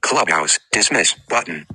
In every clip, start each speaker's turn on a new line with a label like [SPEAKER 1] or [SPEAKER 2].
[SPEAKER 1] Clubhouse. Dismiss button.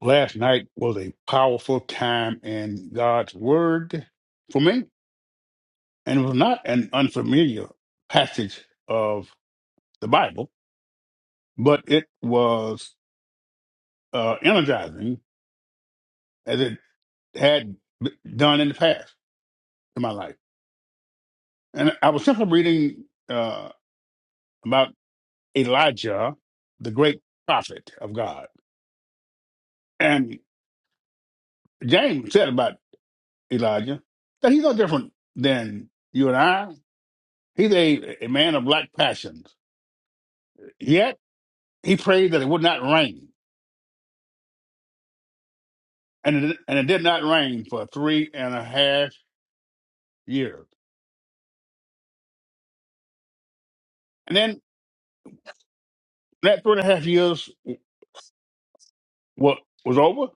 [SPEAKER 1] Last night was a powerful time in God's Word for me, and it was not an unfamiliar passage of the Bible, but it was uh, energizing as it had b- done in the past in my life. And I was simply reading uh, about Elijah, the great prophet of God. And James said about Elijah that he's no different than you and I. He's a, a man of black passions. Yet he prayed that it would not rain, and it, and it did not rain for three and a half years. And then that three and a half years was, was over.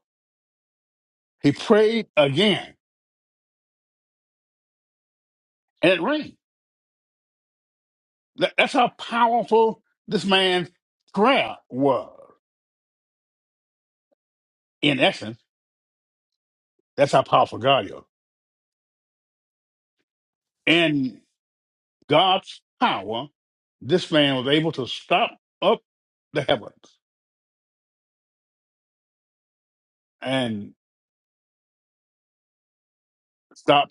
[SPEAKER 1] He prayed again, and it rained. That, that's how powerful this man's prayer was. In essence, that's how powerful God is. In God's power, this man was able to stop up the heavens and stop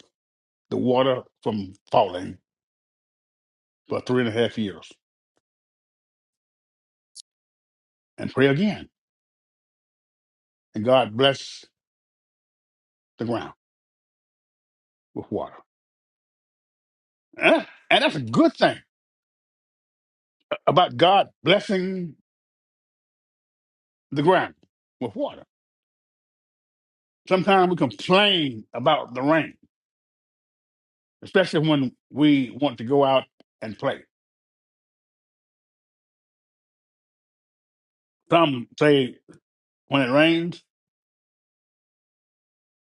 [SPEAKER 1] the water from falling for three and a half years and pray again. And God bless the ground with water. Eh? And that's a good thing about God blessing the ground with water. Sometimes we complain about the rain, especially when we want to go out and play. Some say when it rains,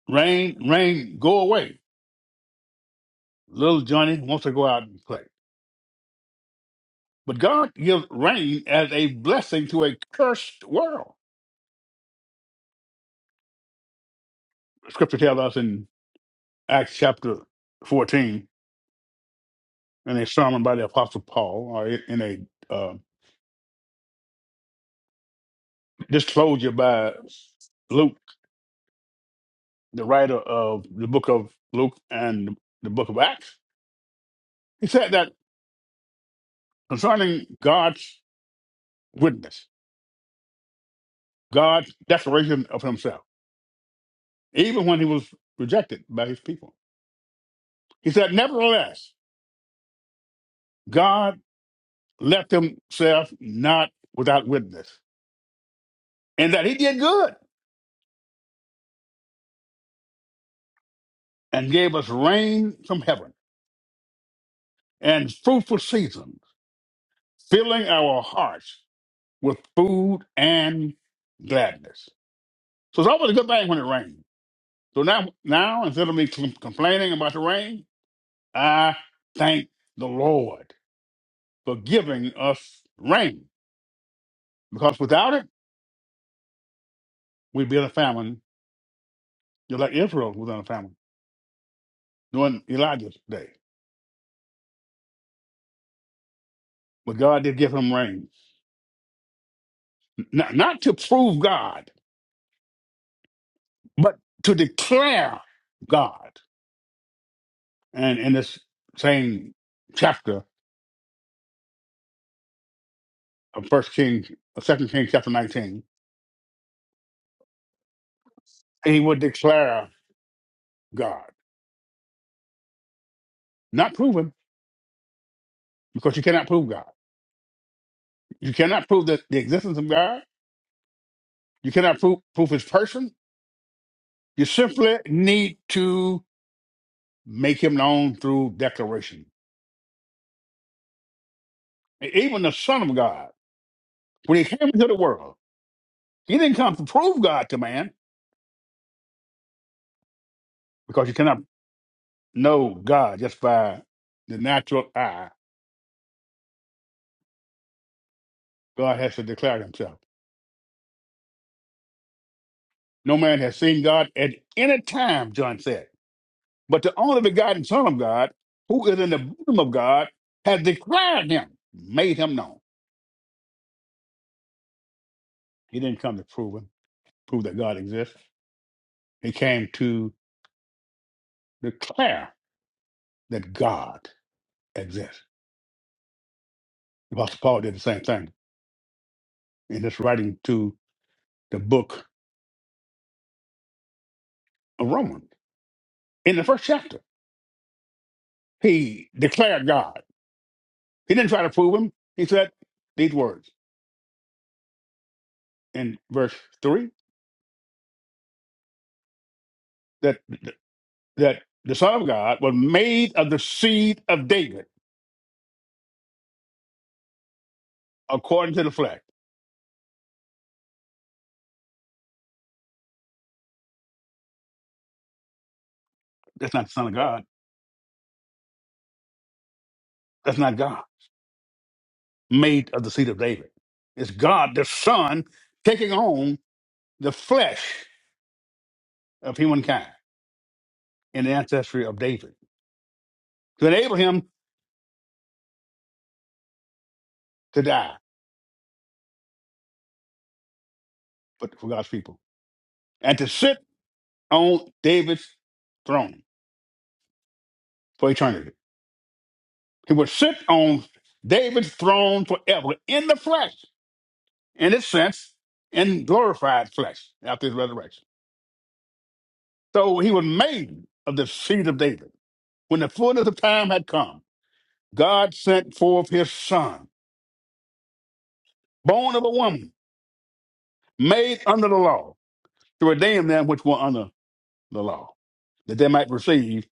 [SPEAKER 1] rain, rain, go away. Little Johnny wants to go out and play. But God gives rain as a blessing to a cursed world. Scripture tells us in Acts chapter 14 in a sermon by the Apostle Paul, or in a uh, disclosure by Luke, the writer of the book of Luke and the book of Acts. He said that concerning God's witness, God's declaration of himself, even when he was rejected by his people. He said, Nevertheless, God left himself not without witness, and that he did good and gave us rain from heaven and fruitful season filling our hearts with food and gladness. So it's always a good thing when it rains. So now, now instead of me com- complaining about the rain, I thank the Lord for giving us rain because without it, we'd be in a famine, just like Israel was in a famine during Elijah's day. But God did give him rain, not, not to prove God, but to declare God. And in this same chapter, of First King, of Second Kings chapter nineteen, and he would declare God, not prove him, because you cannot prove God. You cannot prove that the existence of God. You cannot prove prove His person. You simply need to make Him known through declaration. And Even the Son of God, when He came into the world, He didn't come to prove God to man, because you cannot know God just by the natural eye. God has to declare Himself. No man has seen God at any time, John said. But the only begotten Son of God, who is in the bosom of God, has declared him, made him known. He didn't come to prove him, prove that God exists. He came to declare that God exists. The Apostle Paul did the same thing in his writing to the book of Romans. In the first chapter, he declared God. He didn't try to prove him. He said these words in verse 3 that, that the Son of God was made of the seed of David according to the flesh That's not the Son of God. That's not God. Made of the seed of David. It's God, the Son, taking on the flesh of humankind in the ancestry of David to enable him to die but for God's people and to sit on David's throne for eternity. He will sit on David's throne forever in the flesh, in its sense, in glorified flesh after his resurrection. So he was made of the seed of David. When the fullness of time had come, God sent forth his son, born of a woman, made under the law, to redeem them which were under the law, that they might receive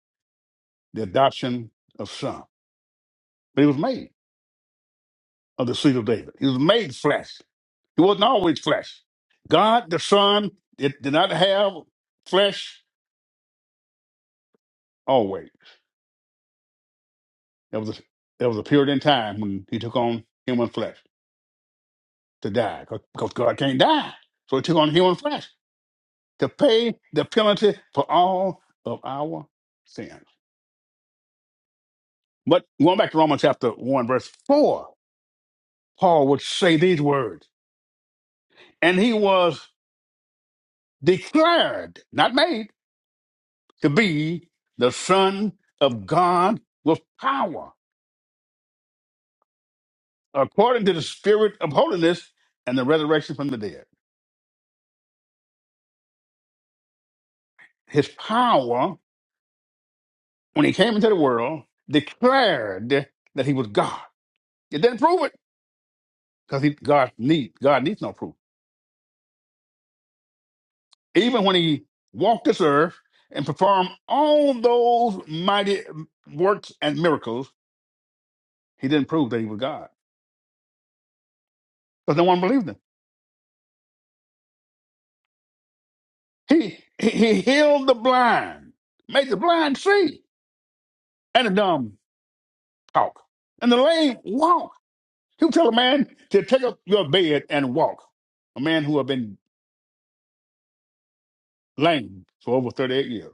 [SPEAKER 1] the adoption of son. But he was made of the seed of David. He was made flesh. He wasn't always flesh. God the Son did, did not have flesh always. There was, a, there was a period in time when he took on human flesh to die because God can't die. So he took on human flesh. to pay the penalty for all of our sins. But going back to Romans chapter 1, verse 4, Paul would say these words And he was declared, not made, to be the Son of God with power, according to the Spirit of holiness and the resurrection from the dead. His power, when he came into the world, declared that he was God. It didn't prove it because God, need, God needs no proof even when he walked this earth and performed all those mighty works and miracles, he didn't prove that he was God because no one believed him. He, he he healed the blind, made the blind see, and the dumb talk, and the lame walk. He would tell a man to take up your bed and walk. A man who had been lame for over 38 years,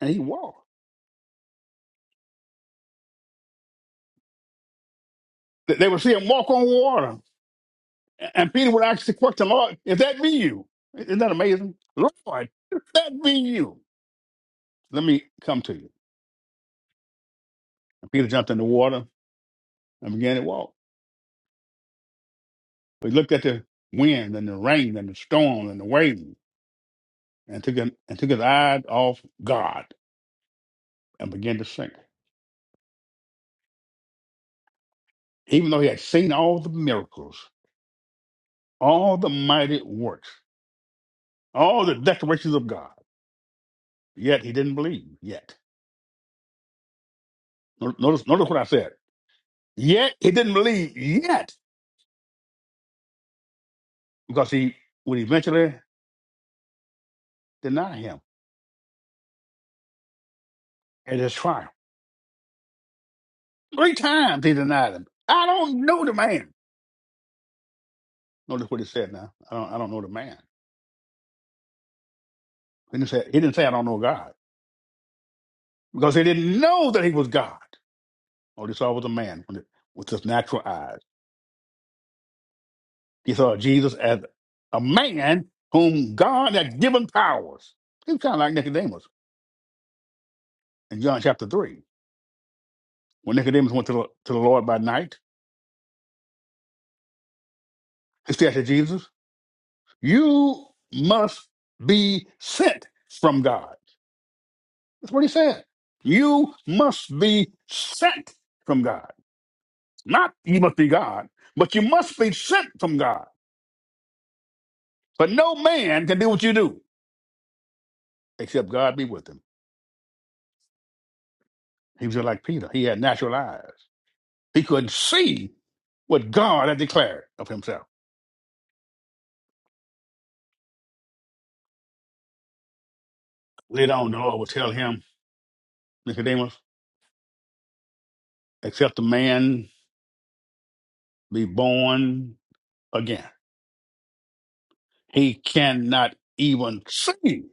[SPEAKER 1] and he walked. They they would see him walk on water And Peter would actually the question, Lord, if that be you, isn't that amazing? Lord, if that be you, let me come to you. And Peter jumped in the water and began to walk. he looked at the wind and the rain and the storm and the waves and took, an, and took his eyes off God and began to sink. Even though he had seen all the miracles, all the mighty works, all the declarations of God, yet he didn't believe yet. No, Notice, notice what I said. Yet he didn't believe yet because he would eventually deny him at his trial. Three times he denied him. I don't know the man. Notice what he said now. I don't I don't know the man. He didn't say he didn't say I don't know God. Because he didn't know that he was God. All he saw was a man with with his natural eyes. He saw Jesus as a man whom God had given powers. He was kind of like Nicodemus in John chapter 3. When Nicodemus went to the, to the Lord by night, he said to Jesus, You must be sent from God. That's what he said. You must be sent from God. Not you must be God, but you must be sent from God. But no man can do what you do except God be with him. He was just like Peter. He had natural eyes. He could see what God had declared of himself. Later on, the Lord would tell him, Nicodemus, except a man be born again, he cannot even see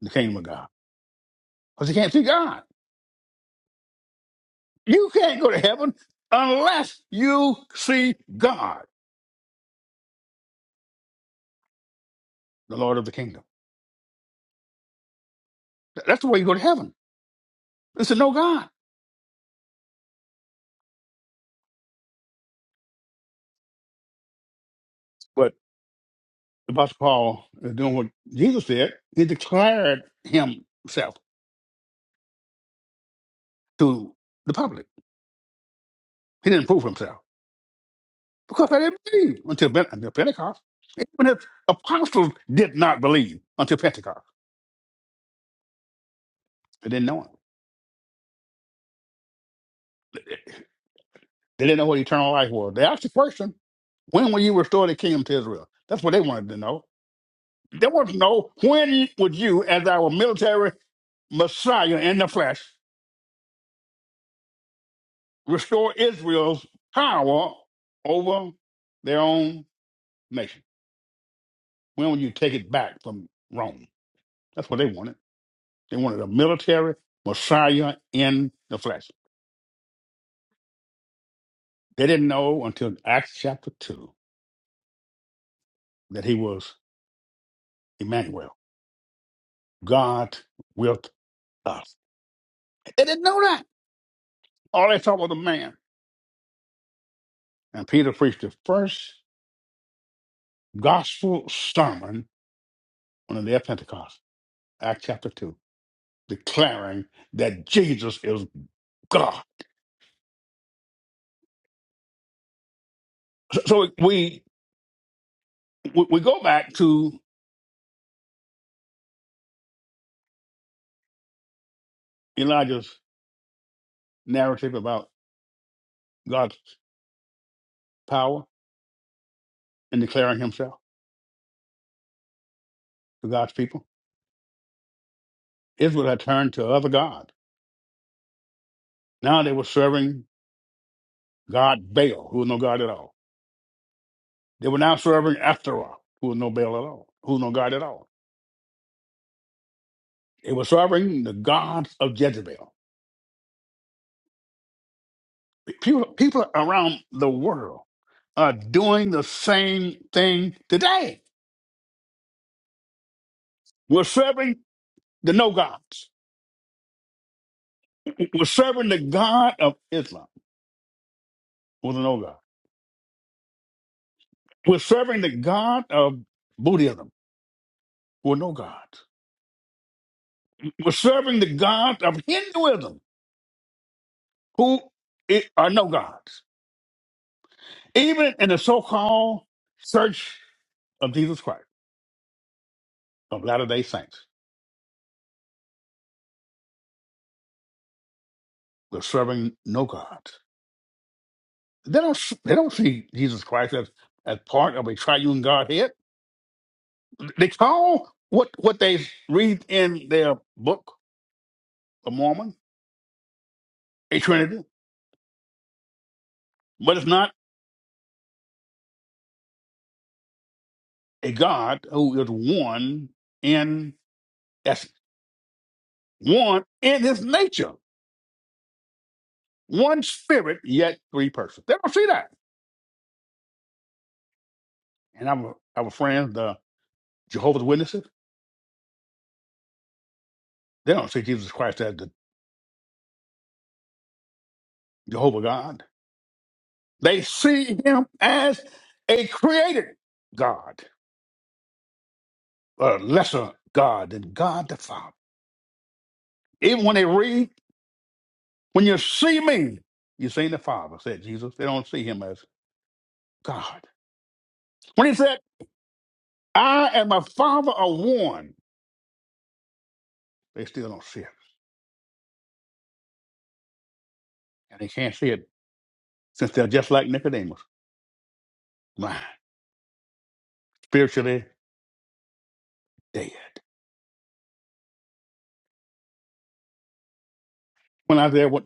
[SPEAKER 1] the kingdom of God because he can't see God. You can't go to heaven unless you see God, the Lord of the kingdom. Th- That's the way you go to heaven. It's a no God. But Apostle Paul is doing what Jesus did. He declared himself to the public. He didn't prove himself because they didn't believe until, Ben- until Pentecost. Even his apostles did not believe until Pentecost. They didn't know him. They didn't know what eternal life was. They asked the question, when will you restore the kingdom to Israel? That's what they wanted to know. There was no when would you, as our military Messiah in the flesh, restore Israel's power over their own nation? When would you take it back from Rome? That's what they wanted. They wanted a military Messiah in the flesh. They didn't know until Acts chapter 2 that he was Emmanuel, God with us. They didn't know that. All they saw was a man. And Peter preached the first gospel sermon on the day of Pentecost Acts chapter 2, declaring that Jesus is God. So so we, we, we go back to Elijah's narrative about God's power and declaring himself to God's people. Israel had turned to other gods. Now they were serving God Baal, who was no God at all. They were now serving Ashtaroth, who was no Baal at all, who was no God at all. They were serving the gods of Jezebel. People, people around the world are doing the same thing today We're serving the no gods. We're serving the God of Islam with a no God. We're serving the God of Buddhism who are no gods. We're serving the God of Hinduism who i- are no gods. Even in the so called Church of Jesus Christ of Latter day Saints, we're serving no gods. They don't, they don't see Jesus Christ as, as part of a triune Godhead. They call what, what they read in their book, of Mormon a Trinity, but it's not a God who is one in essence, one in his nature, one spirit, yet three persons. They don't see that. And our, our friends, the Jehovah's Witnesses, they don't see Jesus Christ as the Jehovah God. They see him as a created God, a lesser God than God the Father. Even when they read, when you see me, you see the Father, said Jesus. They don't see him as God. when He said. I am a father of one. They still don't see it. And they can't see it since they're just like Nicodemus, blind, spiritually dead. When I was there, what,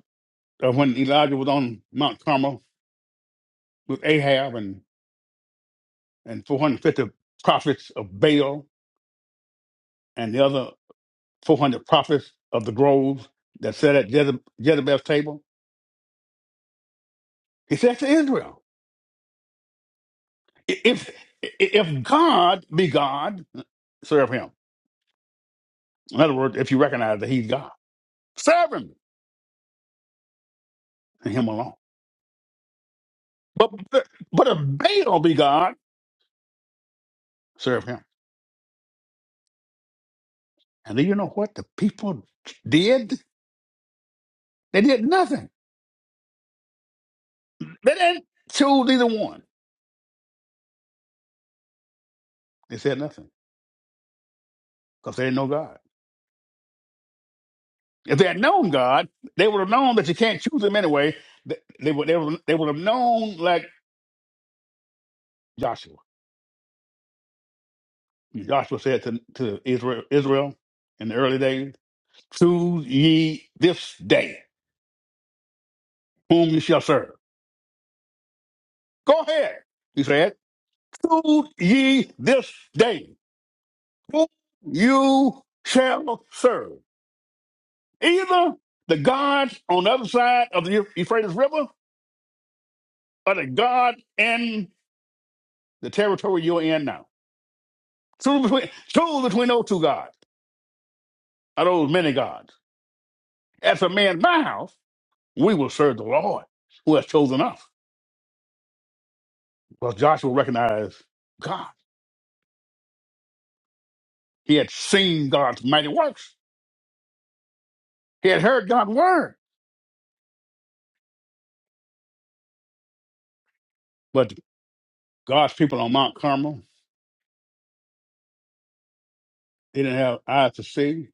[SPEAKER 1] uh, when Elijah was on Mount Carmel with Ahab and, and 450 prophets of Baal and the other 400 prophets of the groves that sat at Jezeb- Jezebel's table, he said to Israel, "I- if, i- if God be God, serve him. In other words, if you recognize that he's God, serve him and him alone. But but if Baal be God, serve him. And do you know what the people did? They did nothing. They didn't choose either one. They said nothing because they didn't know God. If they had known God, they would have known that you can't choose him anyway. They, they would they would they would have known like Joshua. Joshua said to, to Israel Israel in the early days, "Choose ye this day whom you shall serve." Go ahead, he said. "Choose ye this day." Whom you shall serve. Either the gods on the other side of the Euphrates River or the God in the territory you're in now. Choose between, choose between those two gods, or those many gods. As a man in my house, we will serve the Lord who has chosen us. Well, Joshua recognized God. He had seen God's mighty works. He had heard God's word. But God's people on Mount Carmel, they didn't have eyes to see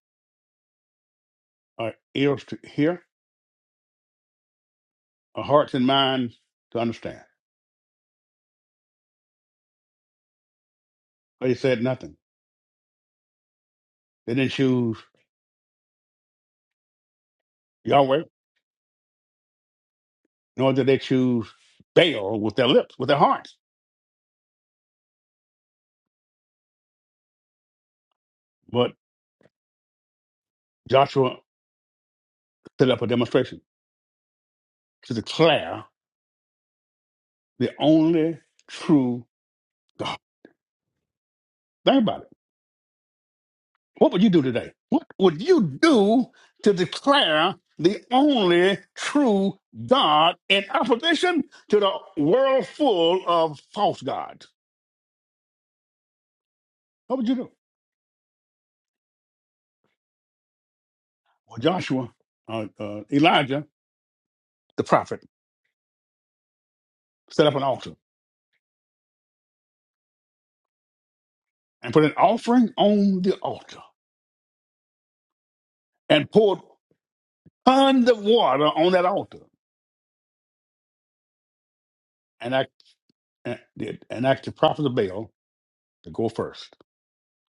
[SPEAKER 1] or ears to hear our hearts and minds to understand. They said nothing. They didn't choose Yahweh, nor did they choose Baal with their lips, with their hearts. But Joshua set up a demonstration to declare the only true God. Think about it. What would you do today? What would you do to declare the only true God in opposition to the world full of false gods? What would you do? Well, Joshua, uh, uh, Elijah, the prophet set up an altar and put an offering on the altar and poured tons of water on that altar. And I and did and asked the prophet of Baal to go first.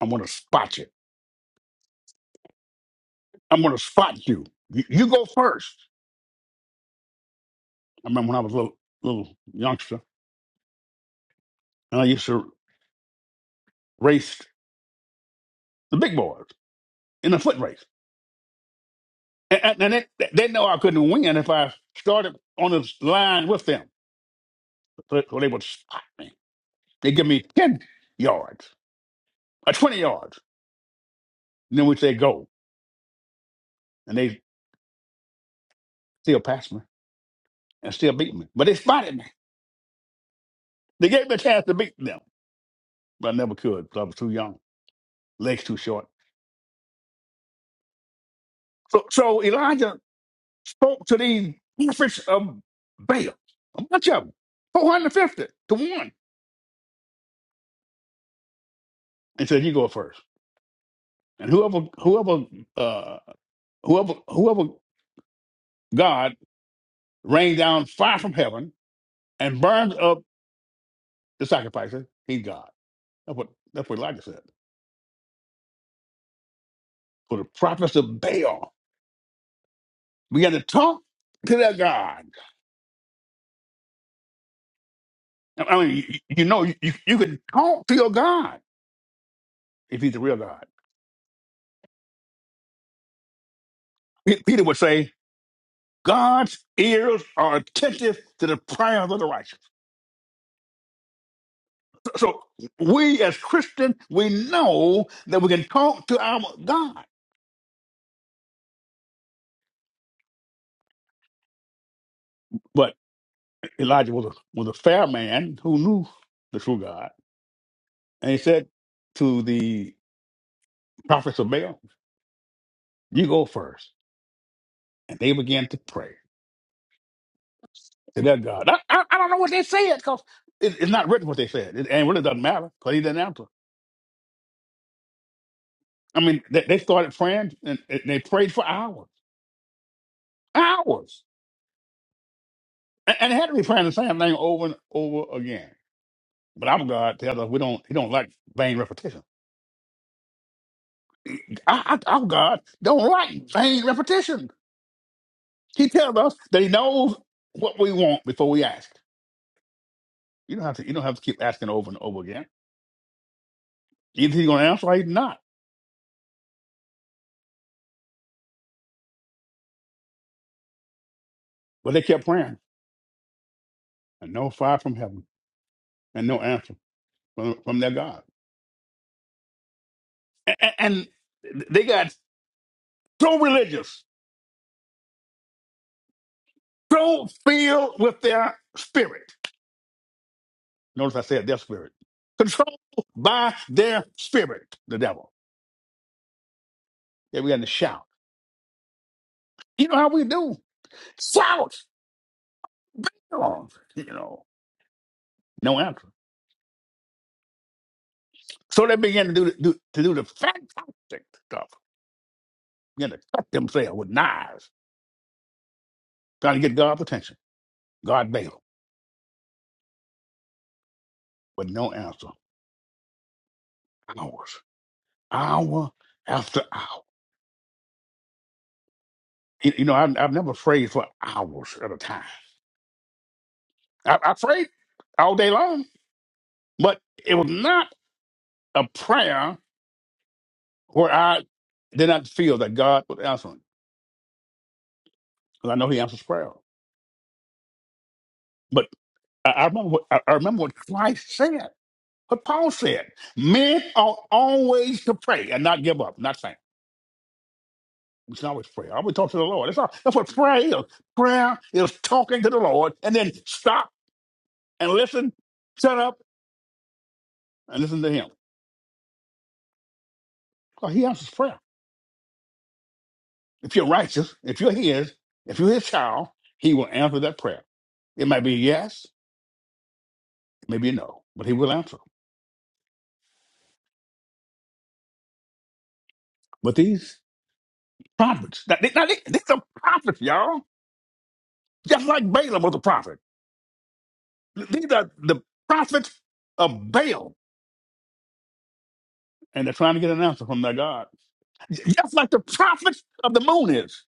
[SPEAKER 1] I'm gonna spot you. I'm gonna spot you. You, you go first. I remember when I was a little little youngster and I used to race the big boys in a foot race. And, and, and they, they know I couldn't win if I started on this line with them. So, so they would spot me. They give me 10 yards or 20 yards. And then we say go. and they still passed me and still beat me. But they spotted me. They gave me a chance to beat them, but I never could because I was too young, legs too short. So, so Elijah spoke to these prophets of Baal, a bunch of them, 450 to one, and said, "You go first." and whoever, whoever, uh, whoever, whoever God rained down fire from heaven and burned up the sacrifices, he's God." That's what that's what Elijah said. For the prophets of Baal began to talk to their God I mean, you, you know, you, you can talk to your God if he's the real God. Pe- Peter would say, God's ears are attentive to the prayers of the righteous. So so we as Christians, we know that we can talk to our God. But Elijah was a, was a fair man who knew the true God. And he said to the prophets of Baal, you go first. And they began to pray to their God. I, I, I don't know what they said because it's not written what they said. It, and it really doesn't matter because he didn't answer. I mean, they, they started praying and they prayed for hours, hours, and, and they had to be praying the same thing over and over again. But our God tells us we don't. He don't like vain repetition. Our, our our God don't like vain repetition. He tells us that He knows what we want before we ask. You don't have to. You don't have to keep asking over and over again. Either He's going to answer or He's not. But they kept praying, and no fire from heaven, and no answer from, from their God. A- and they got so religious control filled with their spirit. Notice I said their spirit. Controlled by their spirit, the devil. They began to shout. You know how we do? Shout! Oh, you know, no answer. So they began to do, do to do the fantastic stuff. Began to cut themselves with knives, trying to get God's attention. God bailed, but no answer. Hours, hour after hour. You, you know, I, I've never prayed for hours at a time. I, I prayed all day long, but it was not. a prayer where I did not feel that God was answering. Because I know He answers prayer. But I, I remember what I, I remember what Christ said, what Paul said. Men ought always to pray and not give up, not faint. We should always pray. Always talk to the Lord. That's all. That's what prayer is. Prayer is talking to the Lord and then stop and listen, shut up and listen to Him. Because He answers prayer. If you're righteous, if you're His, if you're His child, He will answer that prayer. It might be yes, maybe no, but He will answer. But these prophets, now, they, now they, these are prophets, y'all. Just like Balaam was a prophet. These are the prophets of Baal, and they're trying to get an answer from their God. Just like the prophets of the moon is.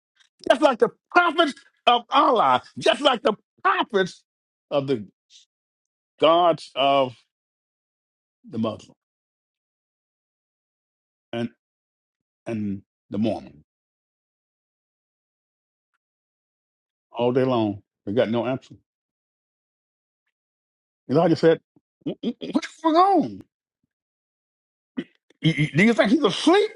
[SPEAKER 1] Just like the prophets of Allah. Just like the prophets of the gods of the Muslim and, and the Mormon. All day long, they got no answer. Elijah said, "Wh- wh- What's going on? You- you- Do you think he's asleep?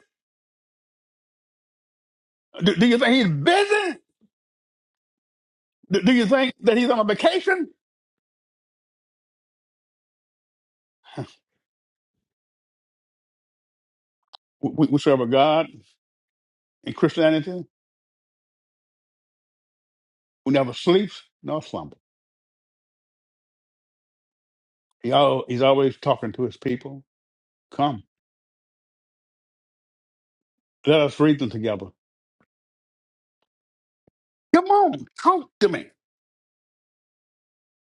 [SPEAKER 1] Do do you think he's busy? Do, do you think that he's on a vacation? We, we serve a God in Christianity who never sleeps nor slumbers. He al- he's always talking to his people. Come, let us reason together. Come on, talk to me.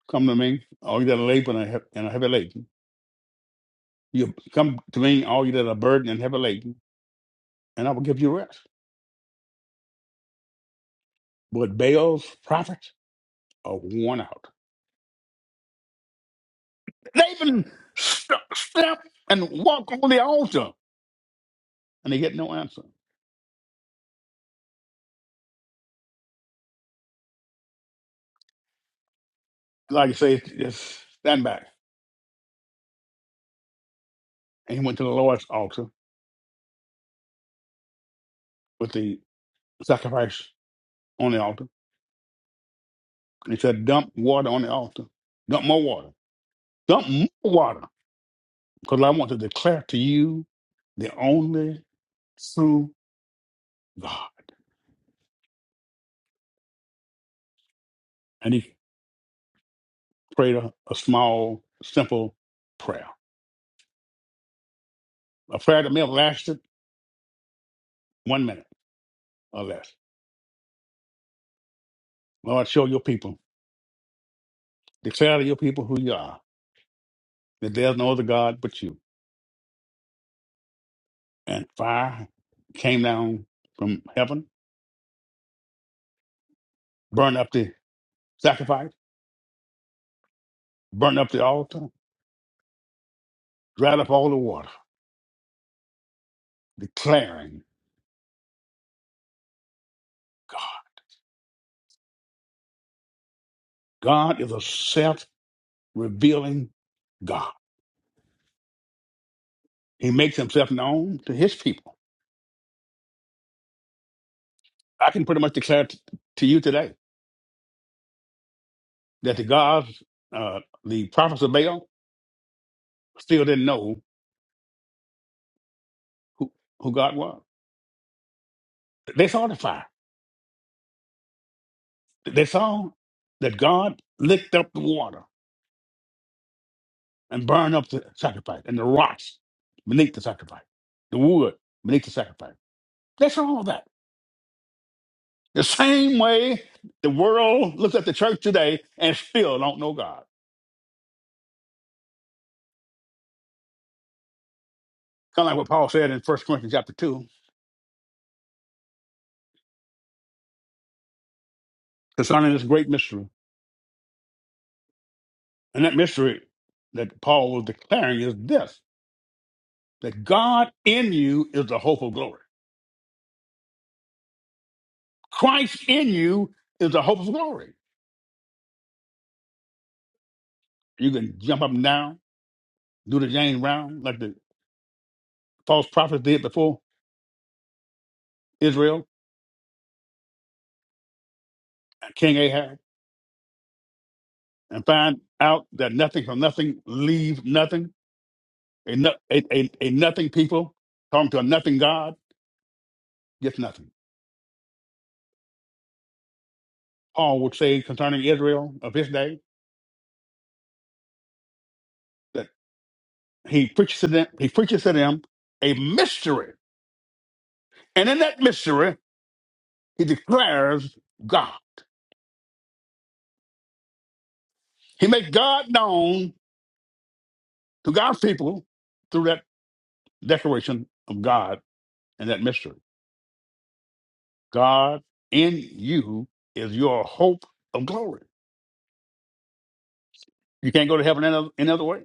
[SPEAKER 1] Come to me, all you that are laboring and he- and are heavy laden. You come to me, all you that are burdened and heavy laden, and I will give you rest. But Baal's prophets are worn out. They even st- step and walk on the altar, and they get no answer. Like I say, just stand back. and he went to the Lord's altar with the sacrifice on the altar. And he said, Dump water on the altar. Dump more water. Dump more water. Because I want to declare to you the only true God. And he prayed a, a small, simple prayer. A prayer that may have lasted one minute or less. Lord, show your people, declare to your people who you are, that there's no other God but you. And fire came down from heaven, burned up the sacrifice, burned up the altar, dried up all the water, declaring God. God is a self revealing God. He makes himself known to his people. I can pretty much declare t- to you today that the gods, uh, the prophets of Baal, still didn't know who, who God was. They saw the fire. They saw that God licked up the water and burned up the sacrifice and the rocks beneath the sacrifice, the wood beneath the sacrifice. They saw all that. The same way the world looks at the church today and still don't know God. Kind of like what Paul said in First Corinthians chapter 2 concerning this great mystery. And that mystery that Paul was declaring is this that God in you is the hope of glory. Christ in you is the hope of glory. You can jump up and down, do the James round like the false prophets did before Israel, King Ahab, and find out that nothing from nothing leaves nothing A, no- a, a, a nothing people talking to a nothing God gets nothing. Paul would say concerning Israel of his day that he preaches to them, he preaches to them a mystery. And in that mystery, he declares God. He makes God known to God's people through that declaration of God and that mystery. God in you is your hope of glory. You can't go to heaven any other, any other way.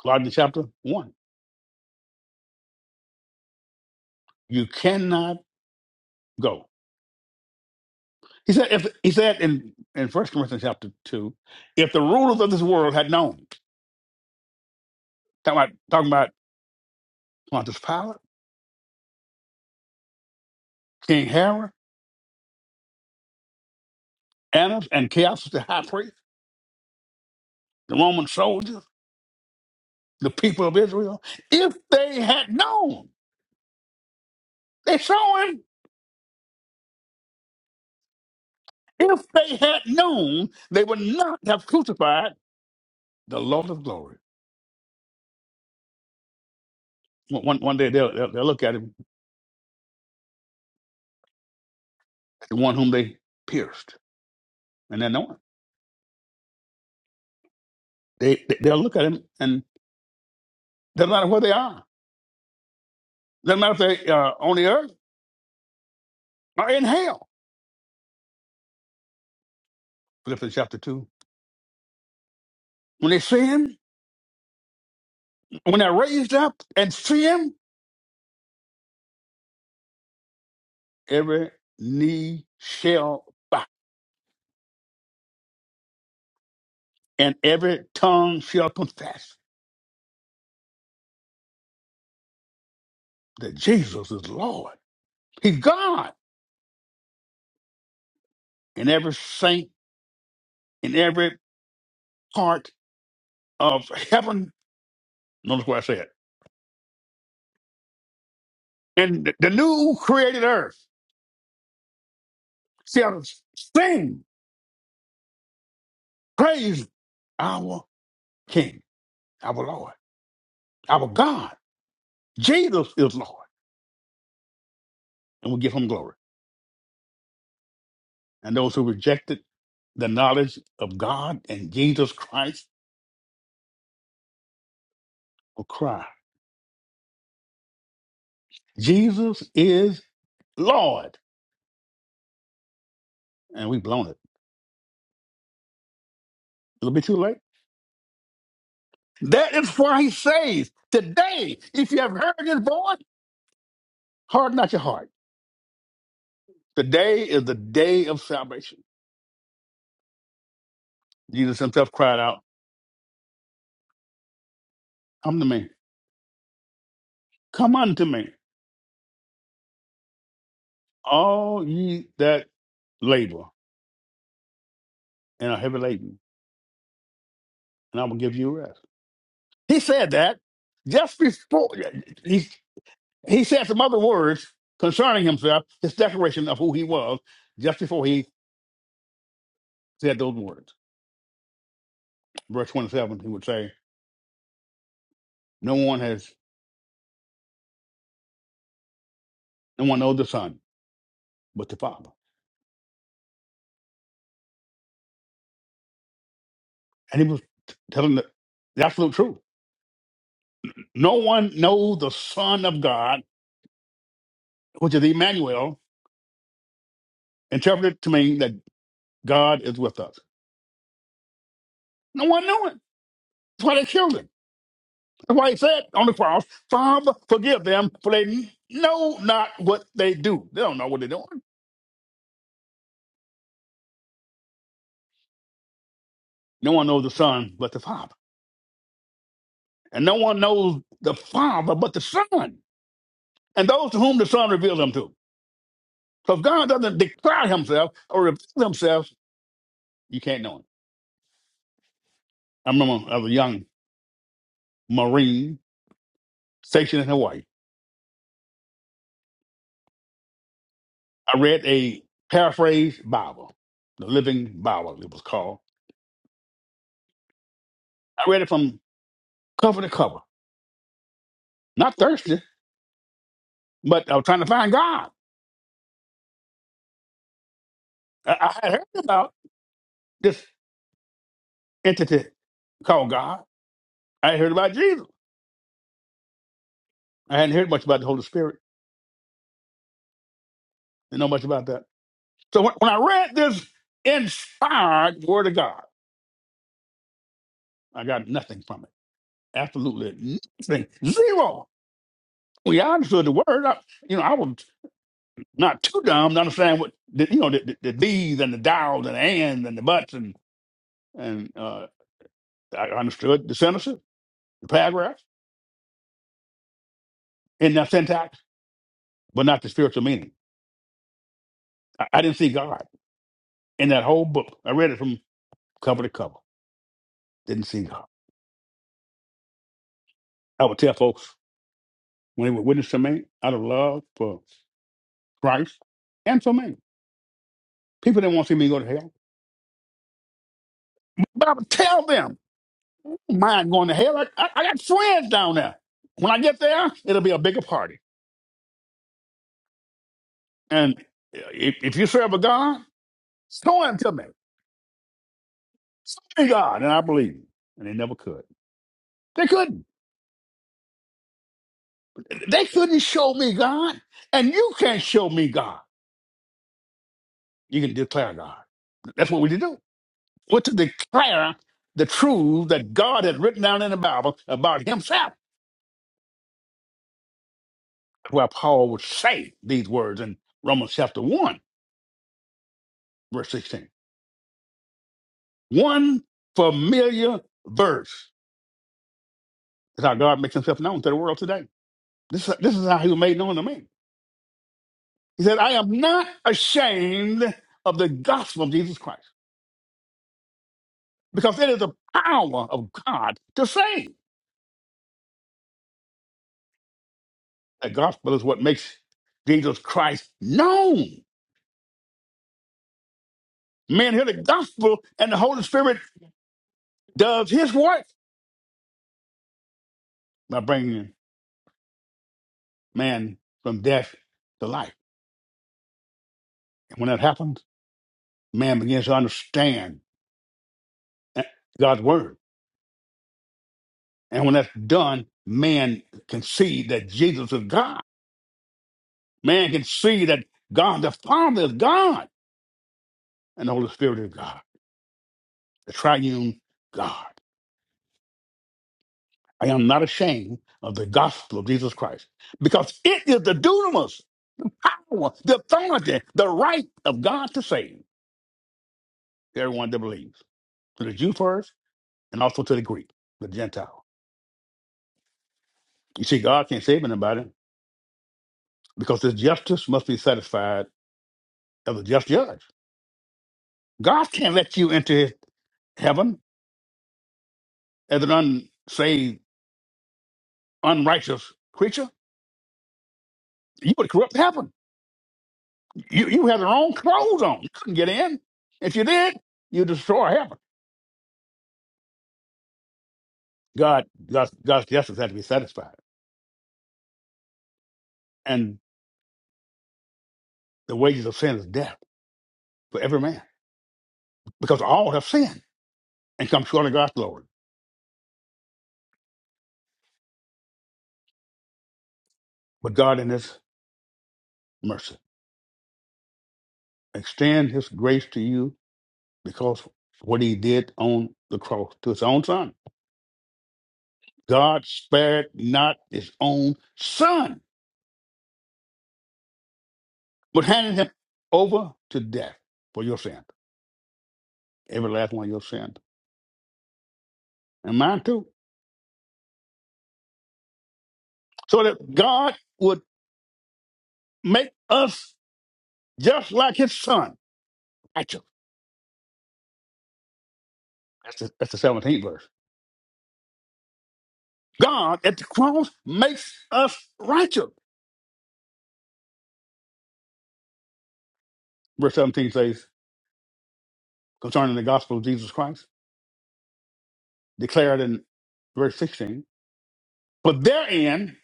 [SPEAKER 1] Colossians chapter 1. You cannot go. He said, if he said in in First Corinthians chapter two, if the rulers of this world had known, talking about talking about Pontius Pilate, King Herod, Annas, and Caiaphas the high priest, the Roman soldiers, the people of Israel, if they had known, they saw him. If they had known, they would not have crucified the Lord of glory. One one one day they'll they'll, they'll look at him, the one whom they pierced, and they'll know him. They they- they'll look at him, and doesn't matter where they are. Doesn't matter if they uh, on the earth are in hell. Philippians chapter 2. When they see him, when they're raised up and see him, every knee shall bow and every tongue shall confess that Jesus is Lord. He's God. And every saint in every part of heaven, notice what I said, and the the new created earth shall sing, praise our King, our Lord, our God. Jesus is Lord. And we give him glory. and those who rejected the knowledge of God and Jesus Christ will cry, Jesus is Lord. And we've blown it. A little bit too late. That is why he says, Today, if you have heard his voice, harden not your heart. Today is the day of salvation. Jesus himself cried out, Come to me, come unto me, all ye that labor and are heavy laden, and I will give you rest. He said that just before. He said some other words concerning himself, his declaration of who he was, just before he said those words. Verse 27, he would say, No one has, no one knows the Son but the Father. And he was telling the, the absolute truth. No one knows the Son of God, which is Emmanuel, interpreted to mean that God is with us. No one knew it. That's why they killed him. That's why he said on the cross, Father, forgive them, for they know not what they do. They don't know what they're doing. No one knows the Son but the Father. And no one knows the Father but the Son, and those to whom the Son reveals him to. So if God doesn't declare himself or reveal himself, you can't know him. I remember as a young Marine stationed in Hawaii, I read a paraphrased Bible, the Living Bible, it was called. I read it from cover to cover, not thirsty, but I was trying to find God. I, I had heard about this entity called God. I had heard about Jesus. I hadn't heard much about the Holy Spirit. Didn't know much about that. So when, when I read this inspired word of God, I got nothing from it. Absolutely nothing. Zero. We understood the word. I, you know, I was not too dumb to understand what the, you know the, the, the these and the thous and the ands and the buts and and uh, I understood the sentences, the paragraphs, and the syntax, but not the spiritual meaning. I, I didn't see God in that whole book. I read it from cover to cover. Didn't see God. I would tell folks when they were witness to me out of love for Christ and for me. People didn't want to see me go to hell. But I would tell them, I don't mind going to hell. I, I, I got friends down there. When I get there, it'll be a bigger party. And if, if you serve a God, show him to me. Show me God, and I believe you. And they never could. They couldn't. They couldn't show me God, and you can't show me God. You can declare God. That's what we do. We're to declare the truth that God had written down in the Bible about himself. Where Paul would say these words in Romans chapter 1, verse 16. One familiar verse is how God makes himself known to the world today. This, this is how he was made known to me. He said, I am not ashamed of the gospel of Jesus Christ because it is the power of God to save. The gospel is what makes Jesus Christ known. Men hear the gospel and the Holy Spirit does his work by bringing man from death to life. And when that happens, man begins to understand God's word And when that's done, man can see that Jesus is God. Man can see that God the Father is God and the Holy Spirit is God, the triune God. I am not ashamed of the gospel of Jesus Christ because it is the dunamis, power, the authority, the right of God to save everyone that believes, to the Jew first and also to the Greek, the Gentile. You see, God can't save anybody because his justice must be satisfied as a just judge. God can't let you into his heaven as an unsaved, unrighteous creature, you would corrupt heaven. You you had the wrong clothes on. You couldn't get in. If you did, you destroy heaven. God, God's, God's justice had to be satisfied, and the wages of sin is death for every man, because all have sinned and come short of God's glory. But God, in His mercy, extend His grace to you because of what He did on the cross to His own Son. God spared not His own Son but handing him over to death for your sin, every last one of your sins, and mine too, so that God would make us just like his son. Righteous. That's the, that's the 17th verse. God at the cross makes us righteous. Verse 17 says, concerning the gospel of Jesus Christ, declared in verse 16, for therein,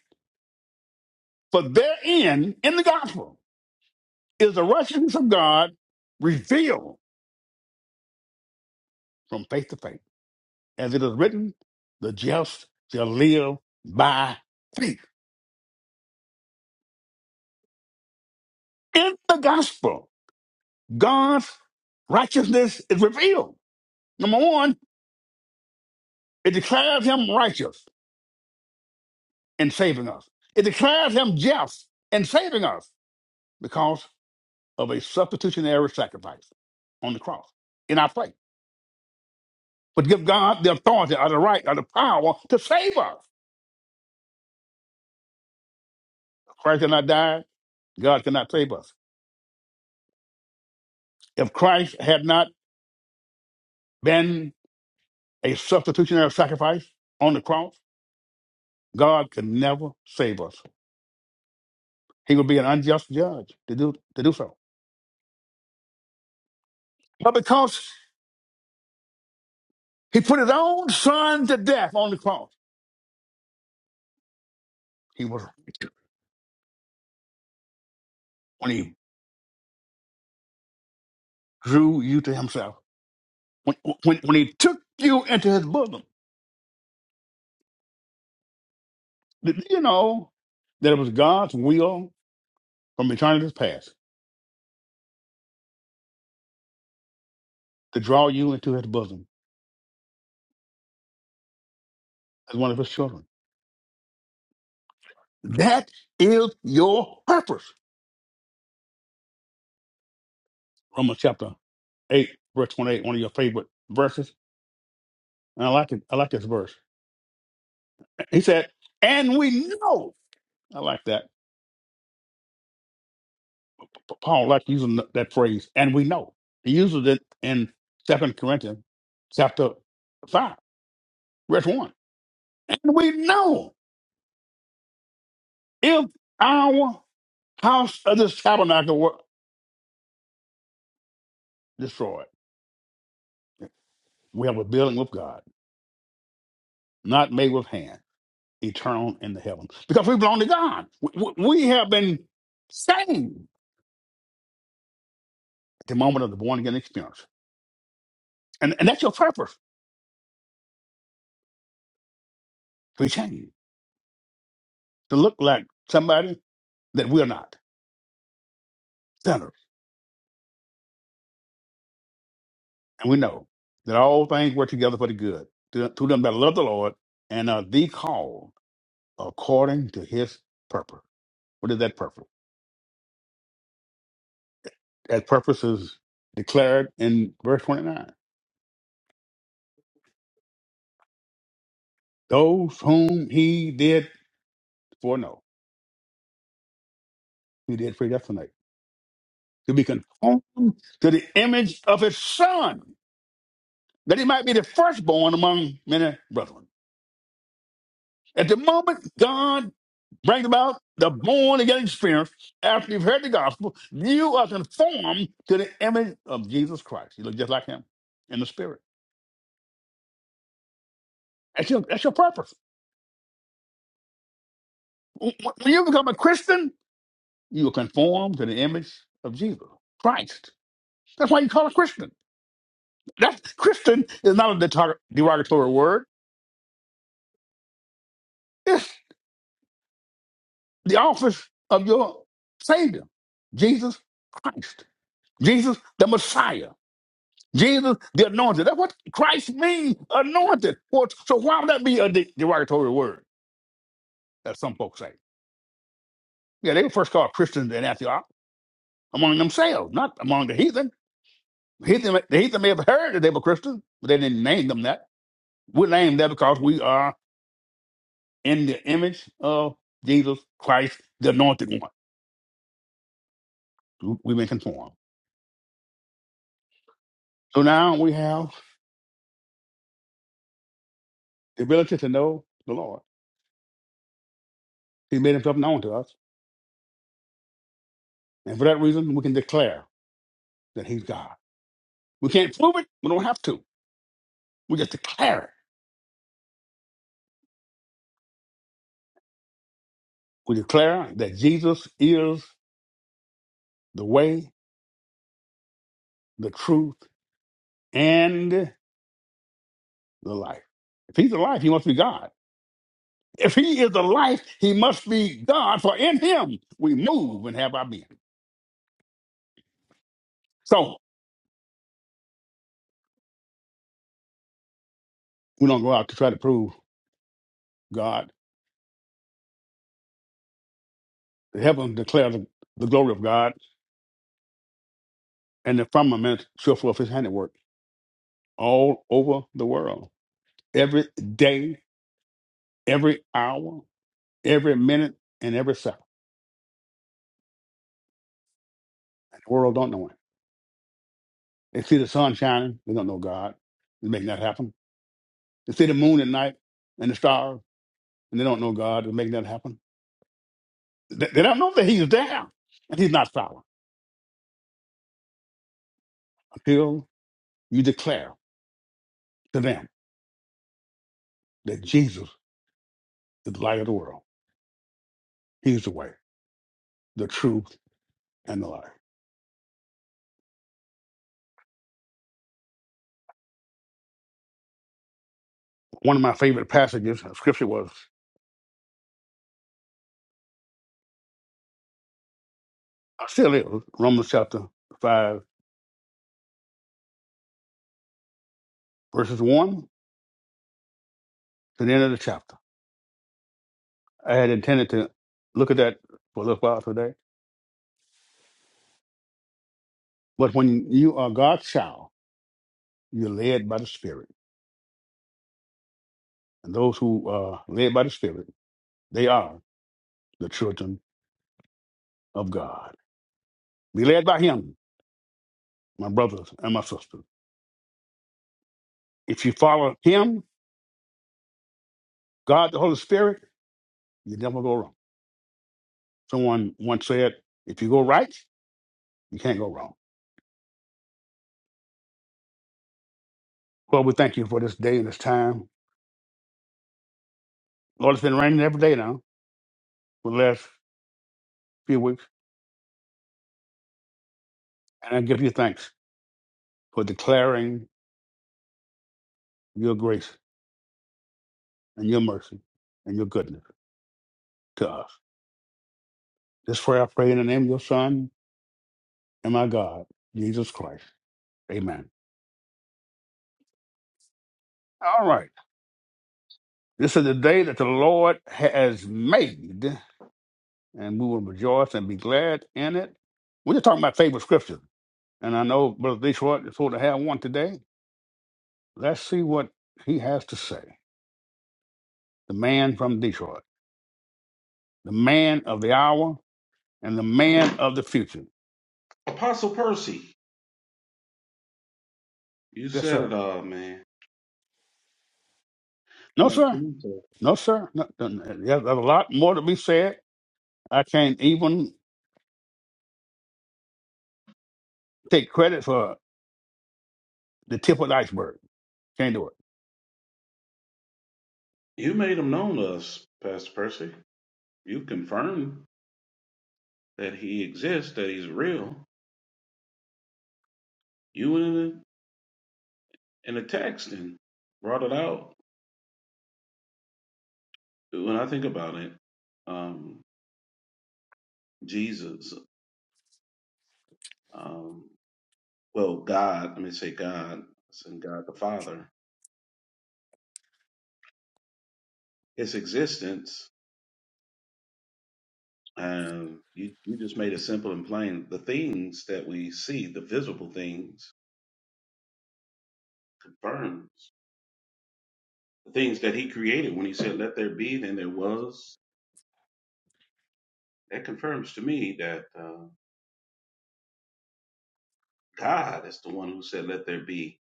[SPEAKER 1] for therein in the gospel is the righteousness of God revealed from faith to faith. as it is written, the just shall live by faith. In the gospel, God's righteousness is revealed. Number one, it declares him righteous in saving us. It declares him just in saving us because of a substitutionary sacrifice on the cross in our place. But give God the authority or the right or the power to save us. If Christ did not die. God cannot save us. If Christ had not been a substitutionary sacrifice on the cross, God could never save us. He would be an unjust judge to do to do so. But because he put his own son to death on the cross, he was when he drew you to himself, when when, when he took you into his bosom. Did you know that it was God's will from eternity's past to draw you into his bosom as one of his children? That is your purpose. Romans chapter 8, verse 28, one of your favorite verses And I like it. I like this verse. He said, "And we know." I like that. P- Paul likes using th- that phrase, "and we know." He uses it in Second Corinthians chapter five, verse one. And we know if our house of this tabernacle were destroyed, we have a building with God, not made with hand, eternal in the heavens, because we belong to God. We, we we have been saved at the moment of the born again experience, and and that's your purpose to be changed. to look like somebody that we're not, sinners. And we know that all things work together for the good to, to them that love the Lord and are the called according to his purpose. What is that purpose? That purpose is declared in verse 29. Those whom he did foreknow, he did predestinate to be conformed to the image of his son, that he might be the firstborn among many brethren. At the moment God brings about the born again experience, after you've heard the gospel, you are conformed to the image of Jesus Christ. You look just like him in the spirit. That's your, that's your purpose. When you become a Christian, you are conformed to the image of Jesus Christ. That's why you call a Christian. That Christian is not a detar- derogatory word. It's the office of your Savior, Jesus Christ, Jesus the Messiah. Jesus, the anointed. That's what Christ means, anointed. Well, so why would that be a de- derogatory word, as some folks say? Yeah, they were first called Christians in Antioch among themselves, not among the heathen. heathen. The heathen may have heard that they were Christians, but they didn't name them that. We name that because we are in the image of Jesus Christ, the anointed one. We've been conformed. So now we have the ability to know the Lord. He made himself known to us. And for that reason, we can declare that he's God. We can't prove it. We don't have to. We just declare it. We declare that Jesus is the way, the truth, and the life. If he's the life, he must be God. If he is the life, he must be God, for in him we move and have our being. So we don't go out to try to prove God. The heavens declare the, the glory of God, and the firmament show forth his handiwork all over the world. Every day, every hour, every minute, and every second. The world don't know it. They see the sun shining, they don't know God. They're making that happen. They see the moon at night and the stars, and they don't know God. They're making that happen. They, they don't know that He's there and He's not silent until you declare to them that Jesus is the light of the world. He's the way, the truth, and the life. One of my favorite passages of Scripture was uh, still is Romans chapter five, verses one to the end of the chapter. I had intended to look at that for a little while today, but when you are God's child You're led by the Spirit. And those who are led by the Spirit, they are the children of God. Be led by Him, my brothers and my sisters. If you follow Him, God, the Holy Spirit, you never go wrong. Someone once said, if you go right, you can't go wrong. Lord, we thank you for this day and this time. Lord, it's been raining every day now for the last few weeks. And I give you thanks for declaring your grace and your mercy and your goodness to us. This prayer I pray in the name of your Son, and my God, Jesus Christ. Amen. All right. This is the day that the Lord has made, and we will rejoice and be glad in it. We're just talking about favorite scripture. And I know Brother Detroit is supposed to have one today. Let's see what he has to say. The man from Detroit, the man of the hour, and the man of the future.
[SPEAKER 2] Apostle Percy, you
[SPEAKER 1] Yes,
[SPEAKER 2] said
[SPEAKER 1] sir.
[SPEAKER 2] it all, man.
[SPEAKER 1] No,
[SPEAKER 2] Like
[SPEAKER 1] sir.
[SPEAKER 2] Jimmy said.
[SPEAKER 1] No, sir. No, no, no. There's a lot more to be said. I can't even take credit for the tip of the iceberg. Can't do
[SPEAKER 2] You made him known to us, Pastor Percy. You confirmed that he exists, that he's real. You went in the, in the text and brought it out. When I think about it, um, Jesus, um, well, God, let me say God, and God the Father, his existence, um, you, you just made it simple and plain. The things that we see, the visible things, confirmed. the things that he created when he said, Let there be, then there was. That confirms to me that uh, God is the one who said, Let there be.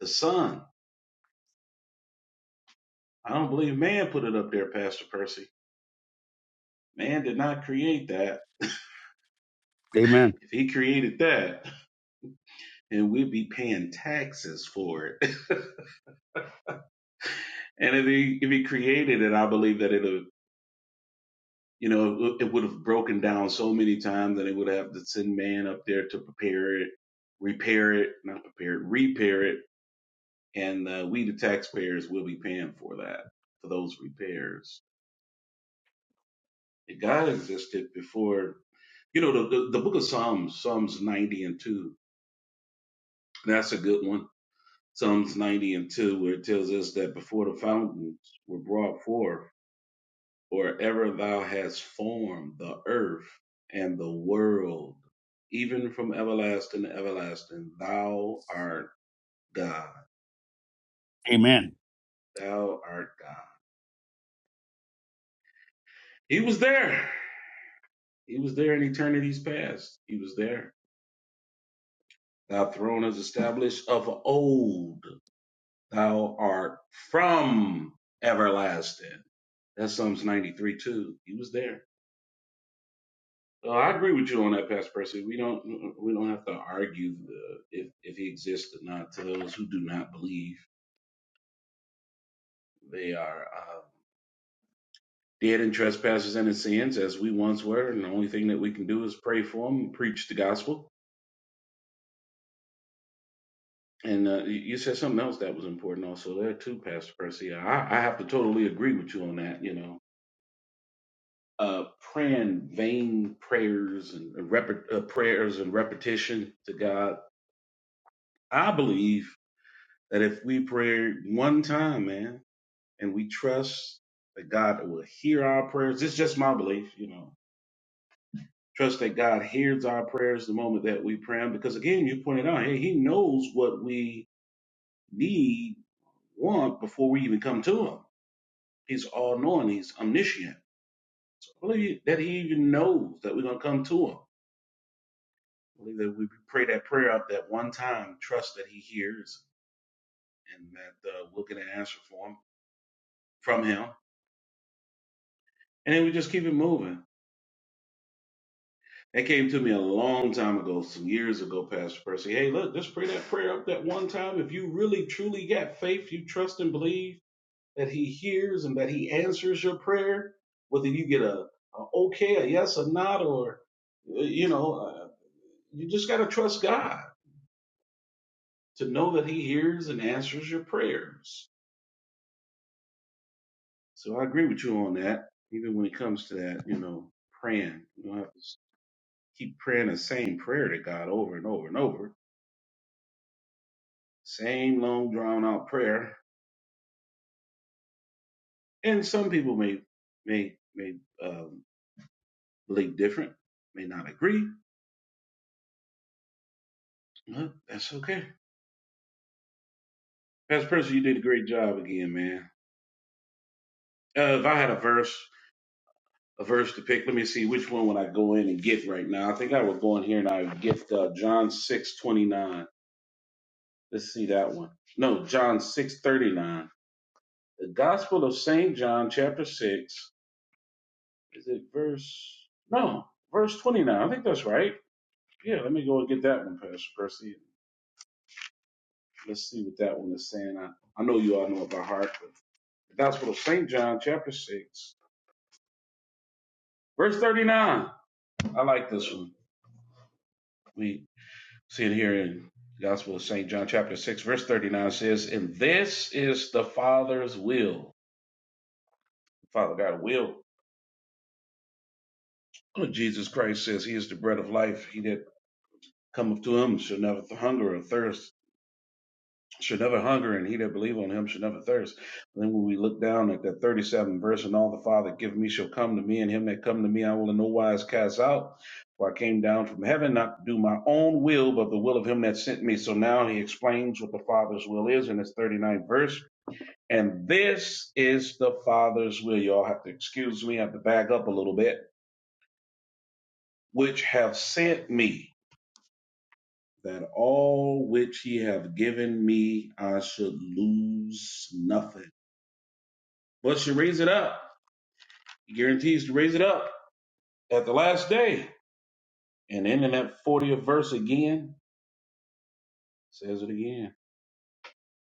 [SPEAKER 2] The sun. I don't believe man put it up there, Pastor Percy. Man did not create that.
[SPEAKER 1] it. Amen.
[SPEAKER 2] If he created that, then we'd be paying taxes for it. And if he if he created it, I believe that it'll you know it would have broken down so many times that it would have to send man up there to prepare it, repair it, not prepare it, repair it and uh, we the taxpayers will be paying for that for those repairs god existed before you know the, the, the book of psalms psalms 90 and 2 that's a good one psalms 90 and 2 where it tells us that before the fountains were brought forth or ever thou hast formed the earth and the world even from everlasting to everlasting thou art god
[SPEAKER 1] Amen.
[SPEAKER 2] thou art god he was there he was there in eternity's past he was there Thy throne is established of old. Thou art from everlasting. That's Psalms 93 too. He was there. So I agree with you on that, Pastor Percy. We don't we don't have to argue uh, if if he exists or not. To those who do not believe, they are uh, dead in trespasses and in sins, as we once were. And the only thing that we can do is pray for them and preach the gospel. And uh, you you said something else that was important also there too, Pastor Percy. I, I have to totally agree with you on that. You know, uh, praying vain prayers and rep- uh, prayers and repetition to God. I believe that if we pray one time, man, and we trust that God will hear our prayers, it's just my belief, you know. Trust that God hears our prayers the moment that we pray 'em, because again, you pointed out, hey, He knows what we need, want before we even come to Him. He's all knowing. He's omniscient. So I believe that He even knows that we're gonna come to Him believe that we pray that prayer out that one time, trust that He hears and that uh, we'll get an answer for him, from Him. And then we just keep it moving. That came to me a long time ago, some years ago, Pastor Percy. Hey, look, just pray that prayer up that one time. If you really, truly got faith, you trust and believe that He hears and that He answers your prayer, whether you get a, a okay, a yes, or not, or, uh, you know, uh, you just got to trust God to know that He hears and answers your prayers So I agree with you on that. Even when it comes to that, you know, praying, you don't have to s- keep praying the same prayer to God over and over and over. Same long drawn out prayer. And some people may may may um, believe different, may not agree. But that's okay. Pastor Percy, you did a great job again, man. Uh, if I had a verse, a verse to pick, let me see which one would I go in and get right now. I think I would go in here and I would get uh, John six twenty nine. Let's see that one. No, John six thirty nine. The Gospel of St. John, chapter 6. Is it verse? No, verse 29. I think that's right. Yeah, let me go and get that one, Pastor Percy. Let's see what that one is saying. I, I know you all know it by heart, but the Gospel of St. John, chapter 6, verse 39. I like this one. We see it here in the Gospel of St. John, chapter 6, verse 39 says, And this is the Father's will. The Father God will. Oh, Jesus Christ says he is the bread of life. He that cometh to him shall never hunger or thirst shall never hunger and he that believe on him shall never thirst and then when we look down at that 37 verse and all the father give me shall come to me and him that come to me i will in no wise cast out for i came down from heaven not to do my own will but the will of him that sent me so now he explains what the father's will is in his thirty-ninth verse and this is the father's will y'all have to excuse me i have to back up a little bit which have sent me that all which he have given me, I should lose nothing, but should raise it up. He guarantees to raise it up at the last day. And then in that 40th verse again, says it again.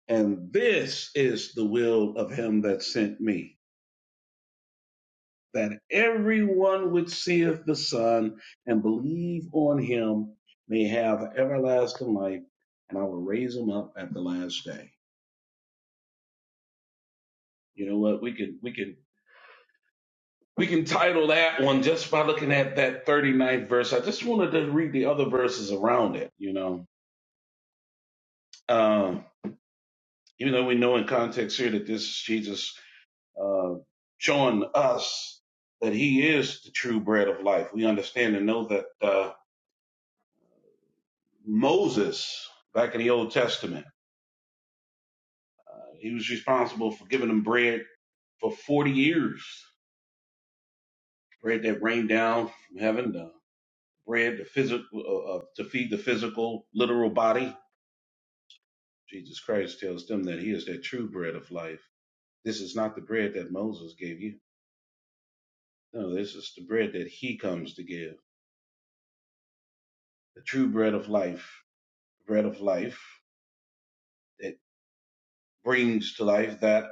[SPEAKER 2] And this is the will of him that sent me, that everyone which seeth the Son and believe on him may have everlasting life, and I will raise him up at the last day. You know what? We could we could We can title that one just by looking at that thirty ninth verse. I just wanted to read the other verses around it, you know. Um, even though we know in context here that this is Jesus uh, showing us that he is the true bread of life, we understand and know that uh, Moses, back in the Old Testament, uh, he was responsible for giving them bread for 40 years. Bread that rained down from heaven, the bread to, physical, uh, uh, to feed the physical, literal body Jesus Christ tells them that he is that true bread of life. This is not the bread that Moses gave you. No, this is the bread that he comes to give. The true bread of life, bread of life that brings to life that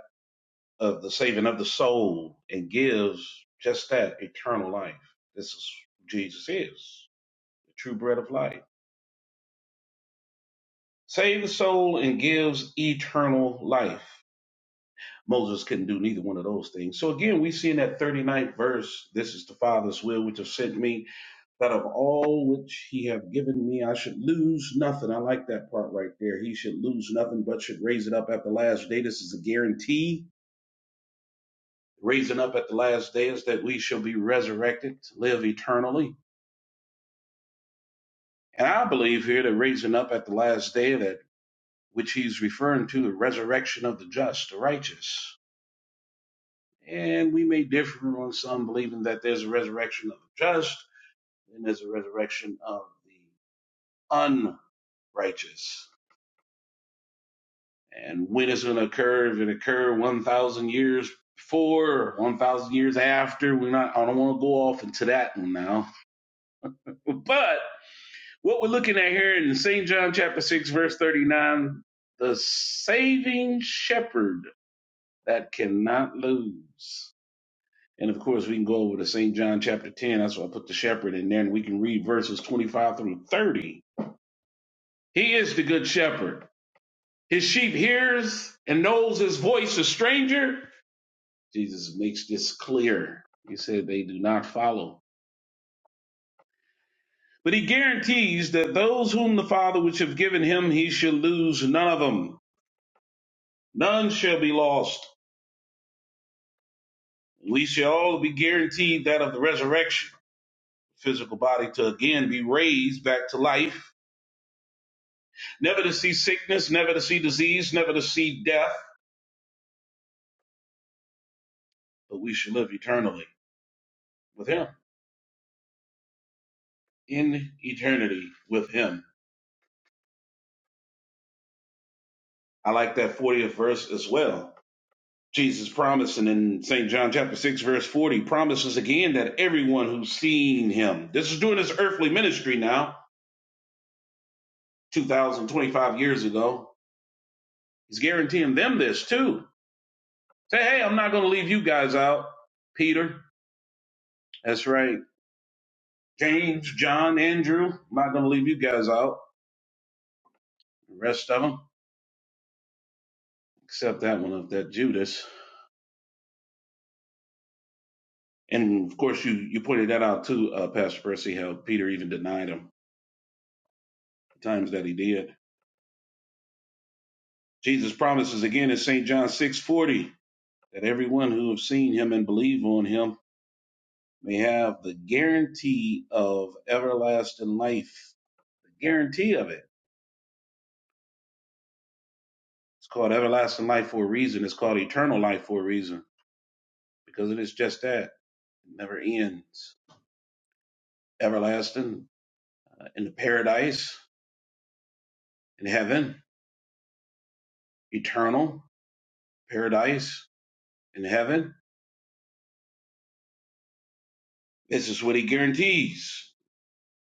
[SPEAKER 2] of the saving of the soul and gives just that eternal life. This is who Jesus is, the true bread of life. Save the soul and gives eternal life. Moses couldn't do neither one of those things. So again, we see in that 39th verse, this is the Father's will which have sent me that of all which he have given me, I should lose nothing. I like that part right there. He should lose nothing, but should raise it up at the last day. This is a guarantee. Raising up at the last day is that we shall be resurrected to live eternally. And I believe here that raising up at the last day, that which he's referring to, the resurrection of the just, the righteous. And we may differ on some believing that there's a resurrection of the just and there's a resurrection of the unrighteous and when it's going to occur, if it occurred 1,000 years before or 1,000 years after, we're not, I don't want to go off into that one now. But what we're looking at here in St. John chapter 6, verse 39, the saving shepherd that cannot lose. And of course, we can go over to St. John chapter 10. That's why I put the shepherd in there, and we can read verses 25 through 30. He is the good shepherd. His sheep hears and knows his voice, a stranger Jesus makes this clear. He said they do not follow. But he guarantees that those whom the Father which have given him, he shall lose none of them. None shall be lost. We shall all be guaranteed that of the resurrection, physical body to again be raised back to life, never to see sickness, never to see disease, never to see death, but we shall live eternally with him, in eternity with him. I like that 40th verse as well Jesus promising in St. John chapter 6, verse 40, promises again that everyone who's seen him, this is during his earthly ministry now, 2025 years ago, he's guaranteeing them this too. Say, hey, I'm not going to leave you guys out. Peter, that's right. James, John, Andrew, I'm not going to leave you guys out. The rest of them, except that one of that Judas. And of course, you, you pointed that out too, uh, Pastor Percy, how Peter even denied him the times that he did. Jesus promises again in St. John 6:40 that everyone who have seen him and believe on him may have the guarantee of everlasting life. The guarantee of it. It's called everlasting life for a reason. It's called eternal life for a reason because it is just that. It never ends. Everlasting uh, in the paradise in heaven, eternal paradise in heaven. This is what he guarantees.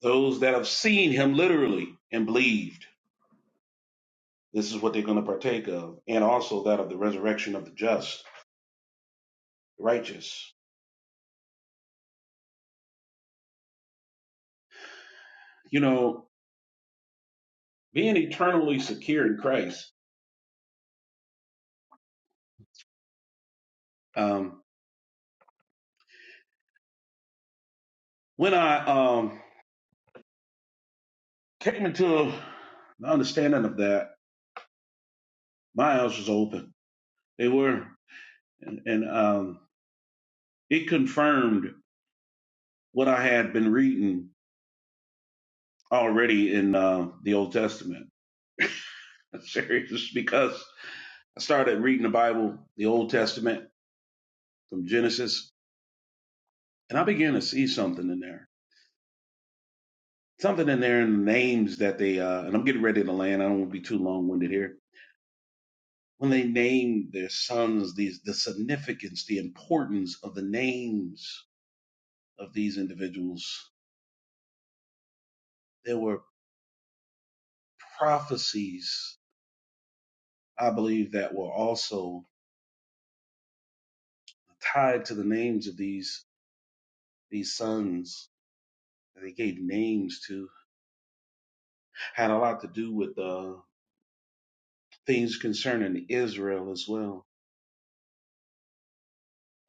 [SPEAKER 2] Those that have seen him literally and believed This is what they're going to partake of, and also that of the resurrection of the just, righteous. You know, being eternally secure in Christ. Um, when I um, came into the understanding of that, my eyes was open. They were, and, and um, it confirmed what I had been reading already in uh, the Old Testament. I'm serious because I started reading the Bible, the Old Testament from Genesis, and I began to see something in there something in there in the names that they uh and I'm getting ready to land. I don't want to be too long winded here. When they name their sons, these the significance, the importance of the names of these individuals, there were prophecies, I believe, that were also tied to the names of these these sons that they gave names to. Had a lot to do with uh things concerning Israel as well,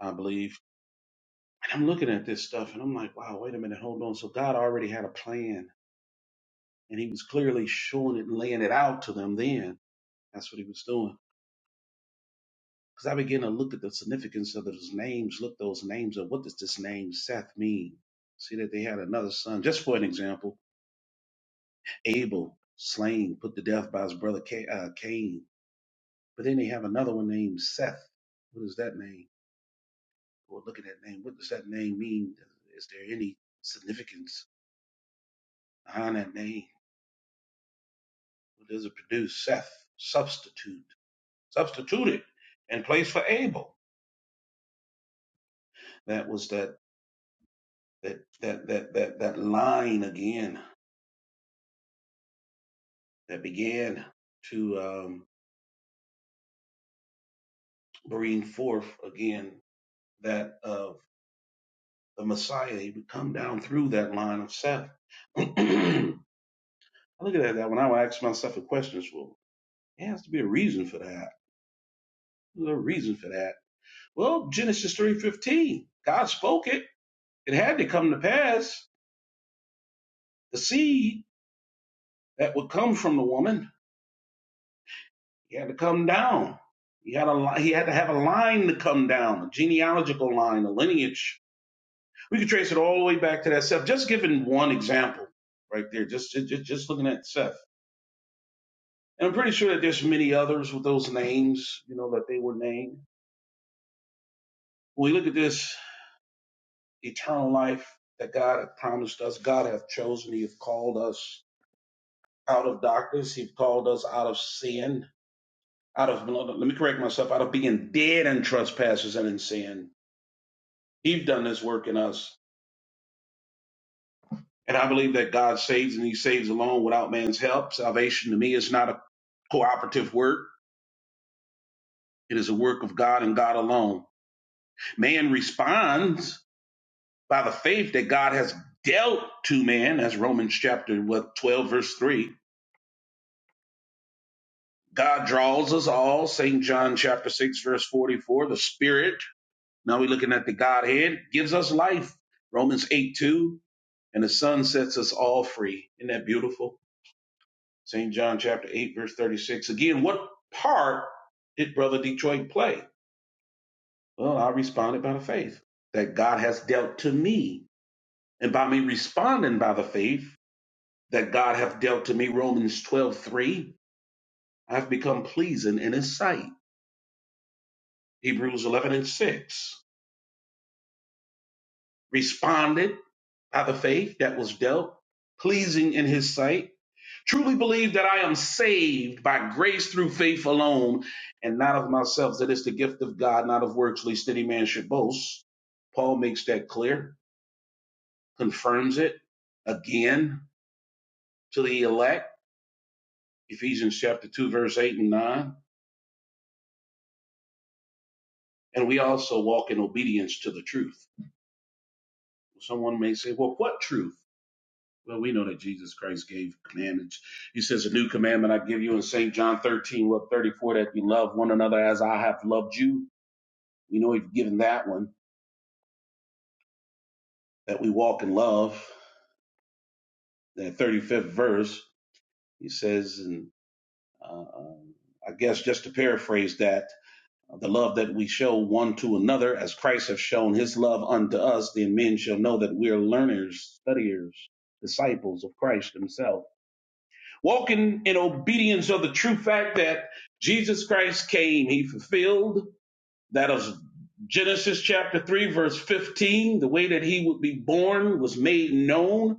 [SPEAKER 2] I believe And I'm looking at this stuff and I'm like, wow, wait a minute, hold on. So God already had a plan and he was clearly showing it and laying it out to them then. That's what he was doing. Because I began to look at the significance of those names, look those names of what does this name Seth mean? See that they had another son, just for an example, Abel, slain, put to death by his brother Ca- uh, Cain. But then they have another one named Seth. What is that name? Well, look at that name. What does that name mean? Is there any significance behind that name? What does it produce? Seth, substitute, substituted in place for Abel. That was that that that that that that line again that began to um, bring forth again that of the Messiah. He would come down through that line of Seth. I look at that when I would ask myself a question. Well, there has to be a reason for that. There's a reason for that. Well, Genesis three fifteen. God spoke it. It had to come to pass. The seed that would come from the woman. He had to come down. He had a he had to have a line to come down, a genealogical line, a lineage. We could trace it all the way back to that Seth. Just giving one example right there, just just just looking at Seth. And I'm pretty sure that there's many others with those names, you know, that they were named. When we look at this eternal life that God had promised us, God hath chosen, He hath called us out of darkness, He've called us out of sin out of well, let me correct myself out of being dead in trespasses and in sin he's done this work in us and i believe that god saves and he saves alone without man's help salvation to me is not a cooperative work it is a work of god and god alone man responds by the faith that god has dealt to man as romans chapter what 12 verse 3 god draws us all st john chapter 6 verse 44 the spirit now we're looking at the godhead gives us life romans 8 2 and the Son sets us all free. Isn't that beautiful? St. John chapter 8, verse 36. Again, what part did Brother Detroit play? Well, I responded by the faith that God has dealt to me. And by me responding by the faith that God hath dealt to me, Romans 12 3, I have become pleasing in his sight. Hebrews 11 and 6. Responded by the faith that was dealt, pleasing in his sight. Truly believe that I am saved by grace through faith alone, and not of myself. That is the gift of God, not of works, lest any man should boast. Paul makes that clear, confirms it again to the elect, Ephesians chapter 2, verse 8 and 9. And we also walk in obedience to the truth. Someone may say, Well, what truth? Well, we know that Jesus Christ gave commandments. He says, A new commandment I give you in St. John 13, what 34, that you love one another as I have loved you We know we've given that one that we walk in love. That 35th verse, he says, and uh, um, I guess just to paraphrase that, the love that we show one to another, as Christ has shown His love unto us, then men shall know that we are learners, studiers, disciples of Christ Himself, walking in obedience of the true fact that Jesus Christ came. He fulfilled that of Genesis chapter 3, verse 15, the way that he would be born was made known.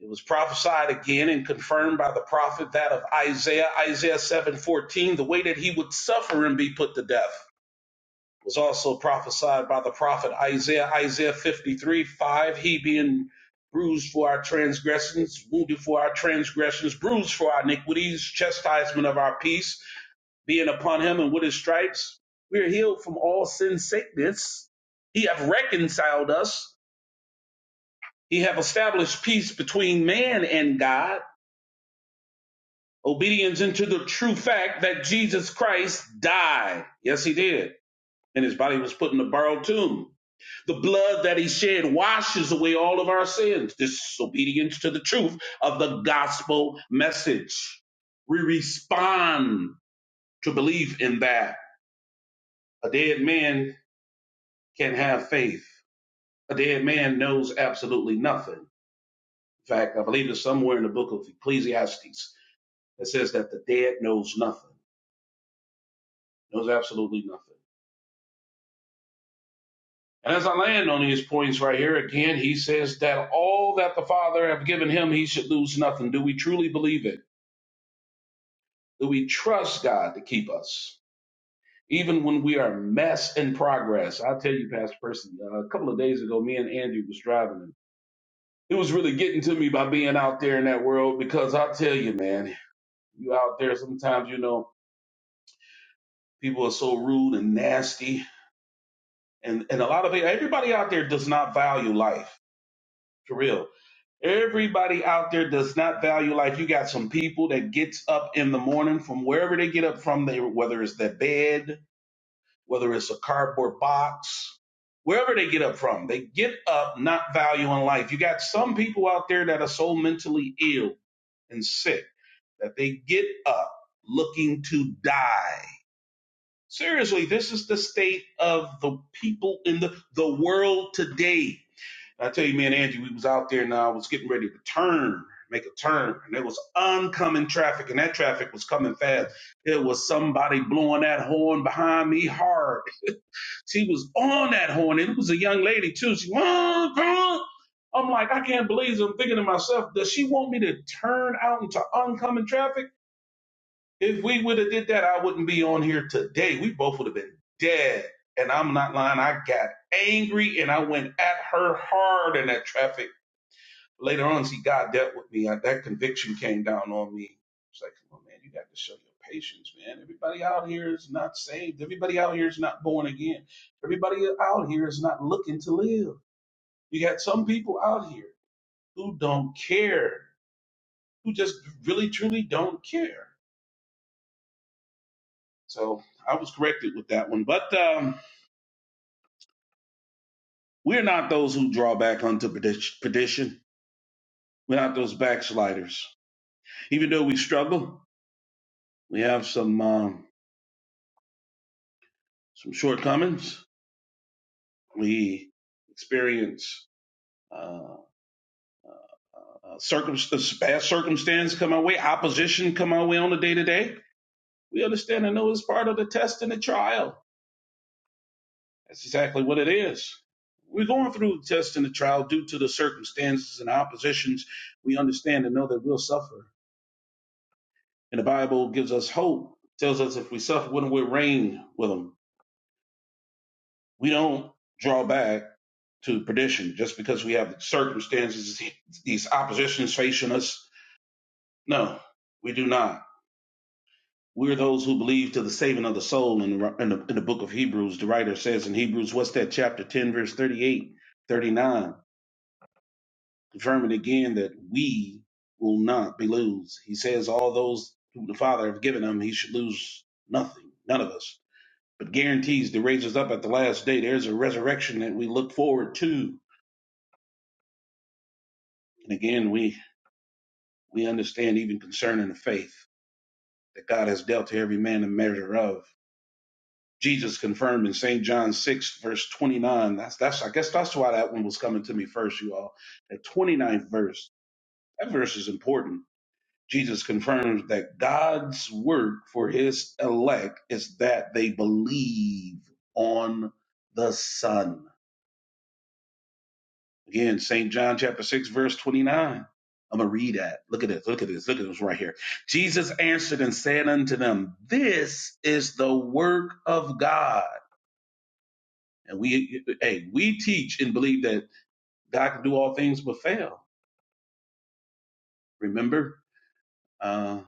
[SPEAKER 2] It was prophesied again and confirmed by the prophet that of Isaiah, Isaiah 7:14, the way that he would suffer and be put to death was also prophesied by the prophet Isaiah, Isaiah 53, 5, he being bruised for our transgressions, wounded for our transgressions, bruised for our iniquities, chastisement of our peace, being upon him, and with his stripes, we are healed from all sin sickness. He hath reconciled us. He hath established peace between man and God obedience into the true fact that Jesus Christ died. Yes, he did. And his body was put in a borrowed tomb. The blood that he shed washes away all of our sins. This obedience to the truth of the gospel message. We respond to belief in that. A dead man can have faith. A dead man knows absolutely nothing. In fact, I believe it's somewhere in the book of Ecclesiastes that says that the dead knows nothing, knows absolutely nothing. And As I land on these points right here again, he says that all that the Father have given him, he should lose nothing. Do we truly believe it? Do we trust God to keep us? Even when we are mess in progress. I'll tell you, Pastor Person, uh, a couple of days ago, me and Andrew was driving. And it was really getting to me by being out there in that world because I'll tell you, man, you out there sometimes, you know, people are so rude and nasty. And, and a lot of it, everybody out there does not value life for real Everybody out there does not value life. You got some people that gets up in the morning from wherever they get up from, they whether it's their bed, whether it's a cardboard box, wherever they get up from, they get up not valuing life. You got some people out there that are so mentally ill and sick that they get up looking to die. Seriously, this is the state of the people in the, the world today. I tell you, me and Angie, we was out there and I was getting ready to turn, make a turn, and there was oncoming traffic, and that traffic was coming fast. There was somebody blowing that horn behind me hard. She was on that horn, and it was a young lady too. She, "Mom, Mom." I'm like, I can't believe it. I'm thinking to myself, does she want me to turn out into oncoming traffic? If we would have did that, I wouldn't be on here today. We both would have been dead. And I'm not lying. I got angry and I went at her hard in that traffic Later on, see, God dealt with me. I, that conviction came down on me. It's like, come on, man, you got to show your patience, man. Everybody out here is not saved. Everybody out here is not born again. Everybody out here is not looking to live. You got some people out here who don't care, who just really, truly don't care. So I was corrected with that one. But um, we're not those who draw back unto perdi- perdition. We're not those backsliders. Even though we struggle, we have some um, some shortcomings. we experience uh, uh, circum- bad circumstance come our way, opposition come our way on the day to day. We understand and know it's part of the test and the trial. That's exactly what it is. We're going through the test and the trial due to the circumstances and oppositions. We understand and know that we'll suffer. And the Bible gives us hope, tells us if we suffer with them, we reign with them. We don't draw back to perdition just because we have circumstances, these oppositions facing us No, we do not. We're those who believe to the saving of the soul. In the, in, the, in the book of Hebrews, the writer says in Hebrews, what's that, chapter 10, verse 38, 39. confirming again that we will not be lose. He says, all those who the Father have given him, he should lose nothing, none of us, but guarantees to raise us up at the last day. There's a resurrection that we look forward to. And again, we, we understand even concerning the faith that God has dealt to every man a measure of Jesus confirmed in St. John 6, verse 29. That's that's I guess that's why that one was coming to me first, you all. That ninth verse. That verse is important. Jesus confirms that God's work for his elect is that they believe on the Son. Again, St. John chapter 6, verse 29. I'm gonna read that. Look at this, look at this, look at this right here. Jesus answered and said unto them, This is the work of God And we, hey, we teach and believe that God can do all things but fail. Remember uh,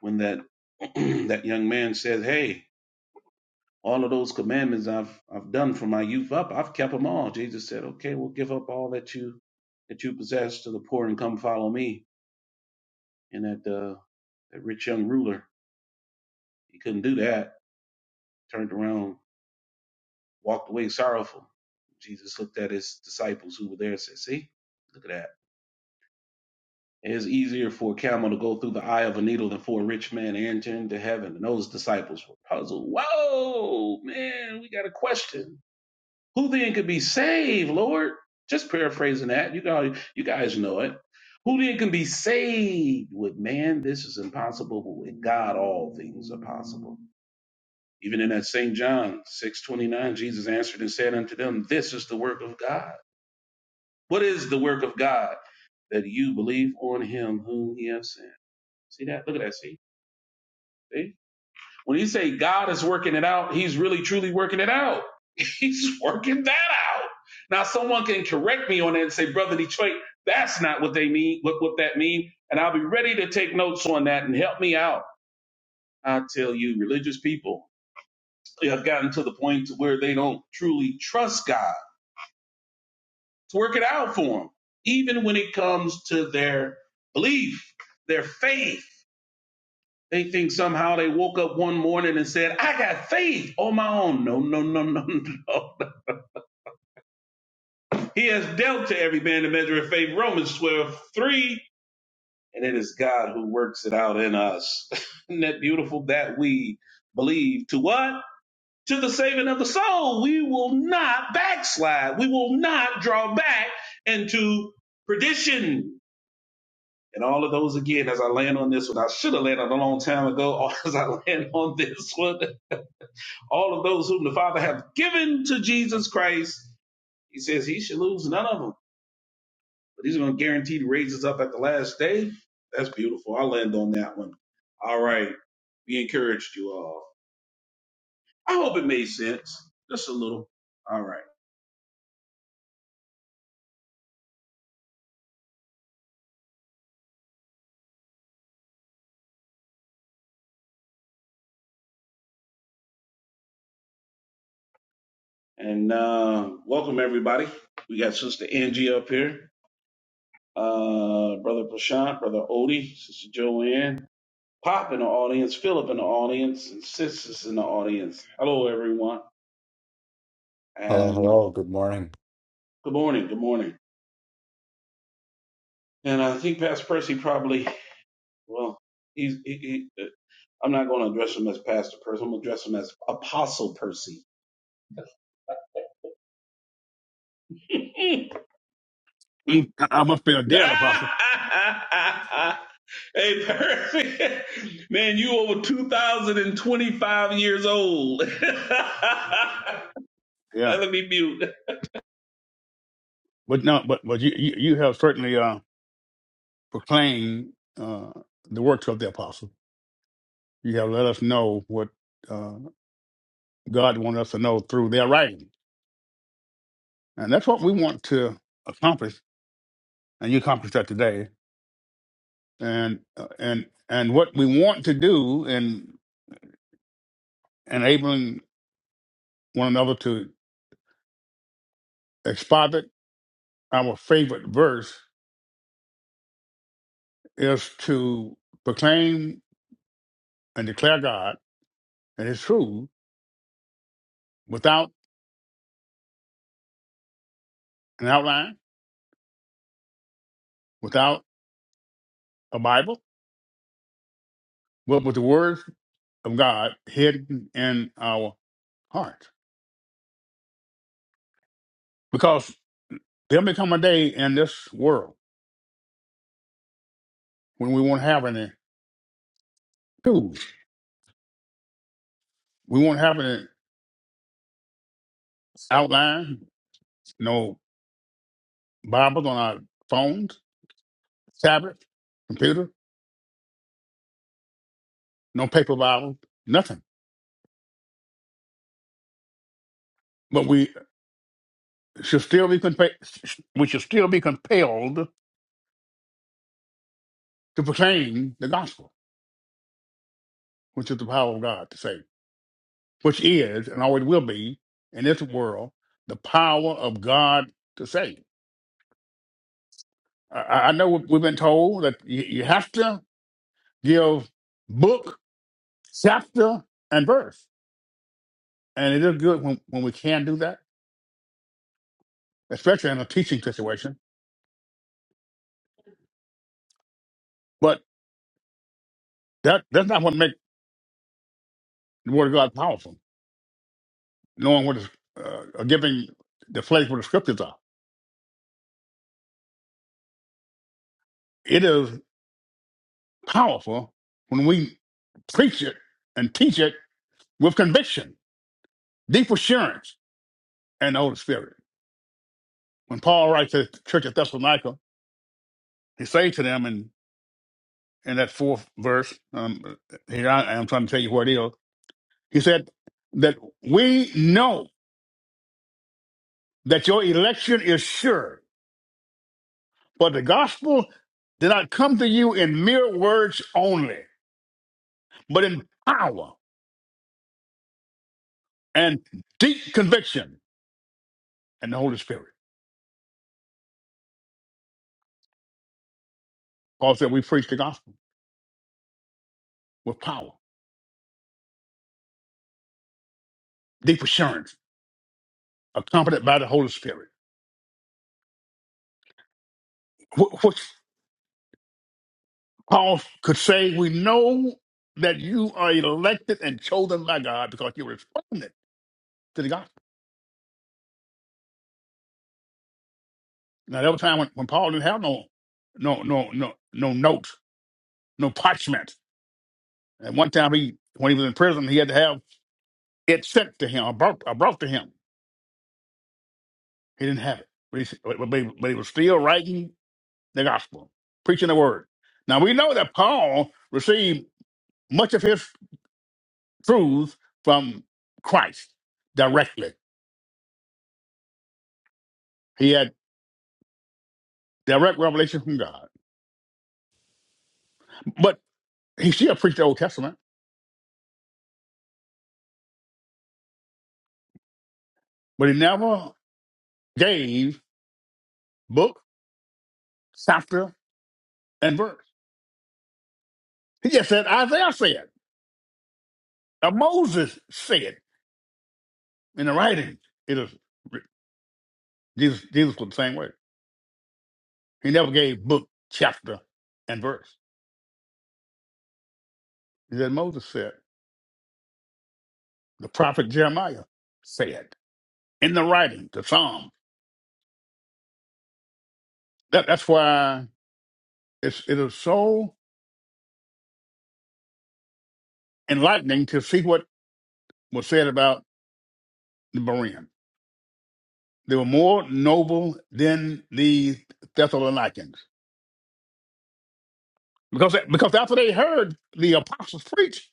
[SPEAKER 2] when that that young man said, "Hey, all of those commandments I've I've done from my youth up, I've kept them all." Jesus said, "Okay, well, give up all that you that you possess to the poor and come follow me." And that uh, that rich young ruler, he couldn't do that. Turned around, walked away sorrowful. Jesus looked at his disciples who were there and said, "See, look at that." It is easier for a camel to go through the eye of a needle than for a rich man to enter into heaven. And those disciples were puzzled. Whoa, man, we got a question. Who then could be saved, Lord? Just paraphrasing that. You guys, you guys know it. Who then can be saved? With man, this is impossible, but with God, all things are possible. Even in that St. John 6 29, Jesus answered and said unto them, This is the work of God. What is the work of God? That you believe on him whom he has sent. See that? Look at that. See? See? When you say God is working it out, he's really truly working it out. He's working that out. Now someone can correct me on that and say, brother Detroit, that's not what they mean, what, what that mean. And I'll be ready to take notes on that and help me out. I tell you, religious people have gotten to the point to where they don't truly trust God to work it out for them, even when it comes to their belief, their faith. They think somehow they woke up one morning and said, I got faith on my own. No, no, no, no, no. He has dealt to every man the measure of faith. Romans 12 3, And it is God who works it out in us. Isn't that beautiful that we believe to what? To the saving of the soul. We will not backslide. We will not draw back into perdition. And all of those again, as I land on this one, I should have landed a long time ago, or as I land on this one all of those whom the Father hath given to Jesus Christ, he says he should lose none of them, but he's going to guarantee to raise us up at the last day. That's beautiful. I'll land on that one. All right. We encouraged you all. I hope it made sense, just a little. All right. And uh, welcome, everybody. We got Sister Angie up here, uh, Brother Prashant, Brother Odie, Sister Joanne, Pop in the audience, Philip in the audience, and Sisters in the audience. Hello, everyone.
[SPEAKER 3] Hello, hello, good morning.
[SPEAKER 2] Good morning. Good morning. And I think Pastor Percy probably, well, he's, he, he, uh, I'm not going to address him as Pastor Percy. I'm going to address him as Apostle Percy. hey,
[SPEAKER 1] Mm, I I must be a dead apostle.
[SPEAKER 2] Percy, man, you over 2,025 years old.
[SPEAKER 1] Yeah.
[SPEAKER 2] Let me mute.
[SPEAKER 1] But no, but but you you, you have certainly uh, proclaimed uh, the works of the apostle. You have let us know what uh, God wanted us to know through their writing, and that's what we want to accomplish. And you accomplished that today. And uh, and and what we want to do in enabling one another to exposit our favorite verse is to proclaim and declare God and His truth without an outline, without a Bible, but with the Word of God hidden in our hearts, Because there'll become a day in this world when we won't have any tools. We won't have any outline, no Bibles on our phones, tablets, computer, no paper Bible, nothing. But we should still be compa- we should still be compelled to proclaim the gospel, which is the power of God to save. which is and always will be in this world the power of God to save. I, I I know we've been told that you, you have to give book, chapter, and verse, and it is good when, when we can do that, especially in a teaching situation. But that that's not what makes the Word of God powerful. Knowing what is uh, or giving the place where the scriptures are, it is powerful when we preach it and teach it with conviction, deep assurance, and the Holy Spirit. When Paul writes to the church at Thessalonica, he said to them in, in that fourth verse, um, here I am trying to tell you what it is. He said that we know that your election is sure, for the gospel did not come to you in mere words only, but in power and deep conviction and the Holy Spirit. Paul said we preach the gospel with power, deep assurance, accompanied by the Holy Spirit. Paul could say, We know that you are elected and chosen by God because you responded to the gospel. Now there was a time when, when Paul didn't have no no no no no notes, no parchment. And one time he when he was in prison, he had to have it sent to him, or brought, or brought to him. He didn't have it. But he, s- but, but he but he was still writing the gospel, preaching the word. Now we know that Paul received much of his truth from Christ directly. He had direct revelation from God. But he still preached the Old Testament, but he never gave book, chapter, and verse. He just said Isaiah said, or Moses said in the writing. It is Jesus. Jesus was the same way. He never gave book, chapter, and verse. He said Moses said, the prophet Jeremiah said in the writing, the Psalm. That, that's why it's, it is so enlightening to see what was said about the Bereans. They were more noble than the Thessalonians. Because, because after they heard the apostles preach,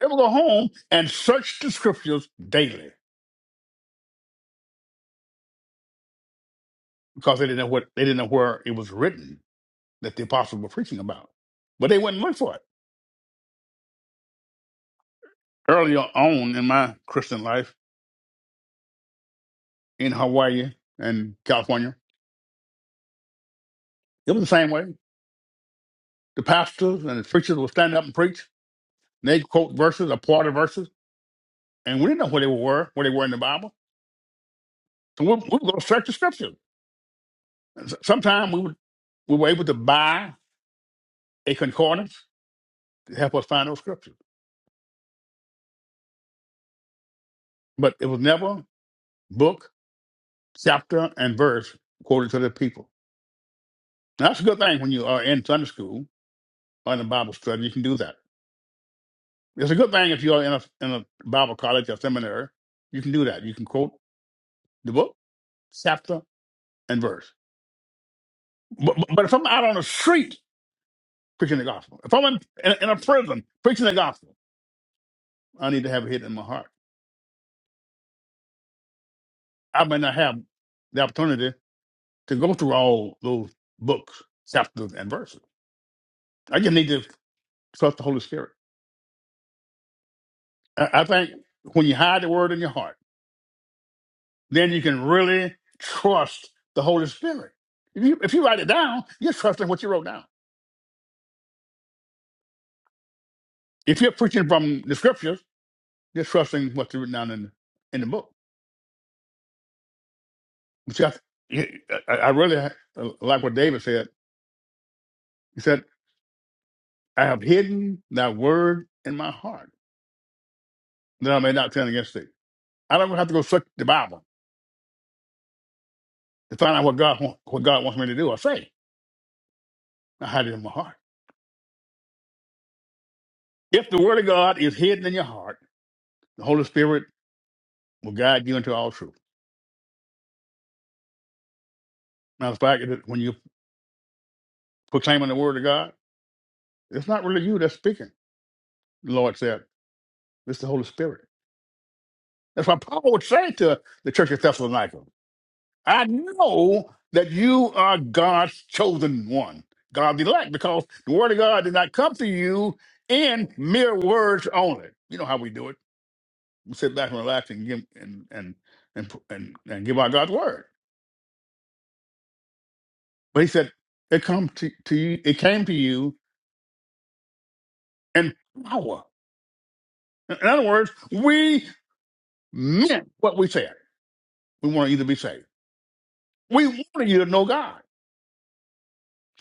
[SPEAKER 1] they would go home and search the scriptures daily because they didn't know what they didn't know where it was written that the apostles were preaching about. But they wouldn't look for it. Earlier on in my Christian life in Hawaii and California, it was the same way. The pastors and the preachers would stand up and preach. And they'd quote verses or part of verses, and we didn't know where they were, where they were in the Bible. So we we would go search the scriptures. Sometimes we would, we were able to buy a concordance to help us find those scriptures, but it was never book, chapter, and verse quoted to the people. Now, that's a good thing when you are in Sunday school or in a Bible study. You can do that. It's a good thing if you are in a, in a Bible college or seminary. You can do that. You can quote the book, chapter, and verse. But, but but if I'm out on the street preaching the gospel, if I'm in, in, in a prison preaching the gospel, I need to have it hidden in my heart. I may not have the opportunity to go through all those books, chapters, and verses. I just need to trust the Holy Spirit. I, I think when you hide the word in your heart, then you can really trust the Holy Spirit. If you, if you write it down, you're trusting what you wrote down. If you're preaching from the scriptures, you're trusting what's written down in, in the book. Which I, I I really ha- like what David said. He said, I have hidden thy word in my heart that I may not sin against thee. I don't have to go search the Bible. to find out what God wa- what God wants me to do or say. I hide it in my heart. If the Word of God is hidden in your heart, the Holy Spirit will guide you into all truth. Matter of fact, it- when you're proclaiming the Word of God, it's not really you that's speaking. The Lord said, "It's the Holy Spirit." That's why Paul would say to the church of Thessalonica, "I know that you are God's chosen one, God's elect, because the Word of God did not come to you in mere words only." You know how we do it We sit back and relax and give and and and p- and, and give out God's word. But he said, "It come to, to you. It came to you in power." In in other words, we meant what we said. We wanted you to be saved. We wanted you to know God.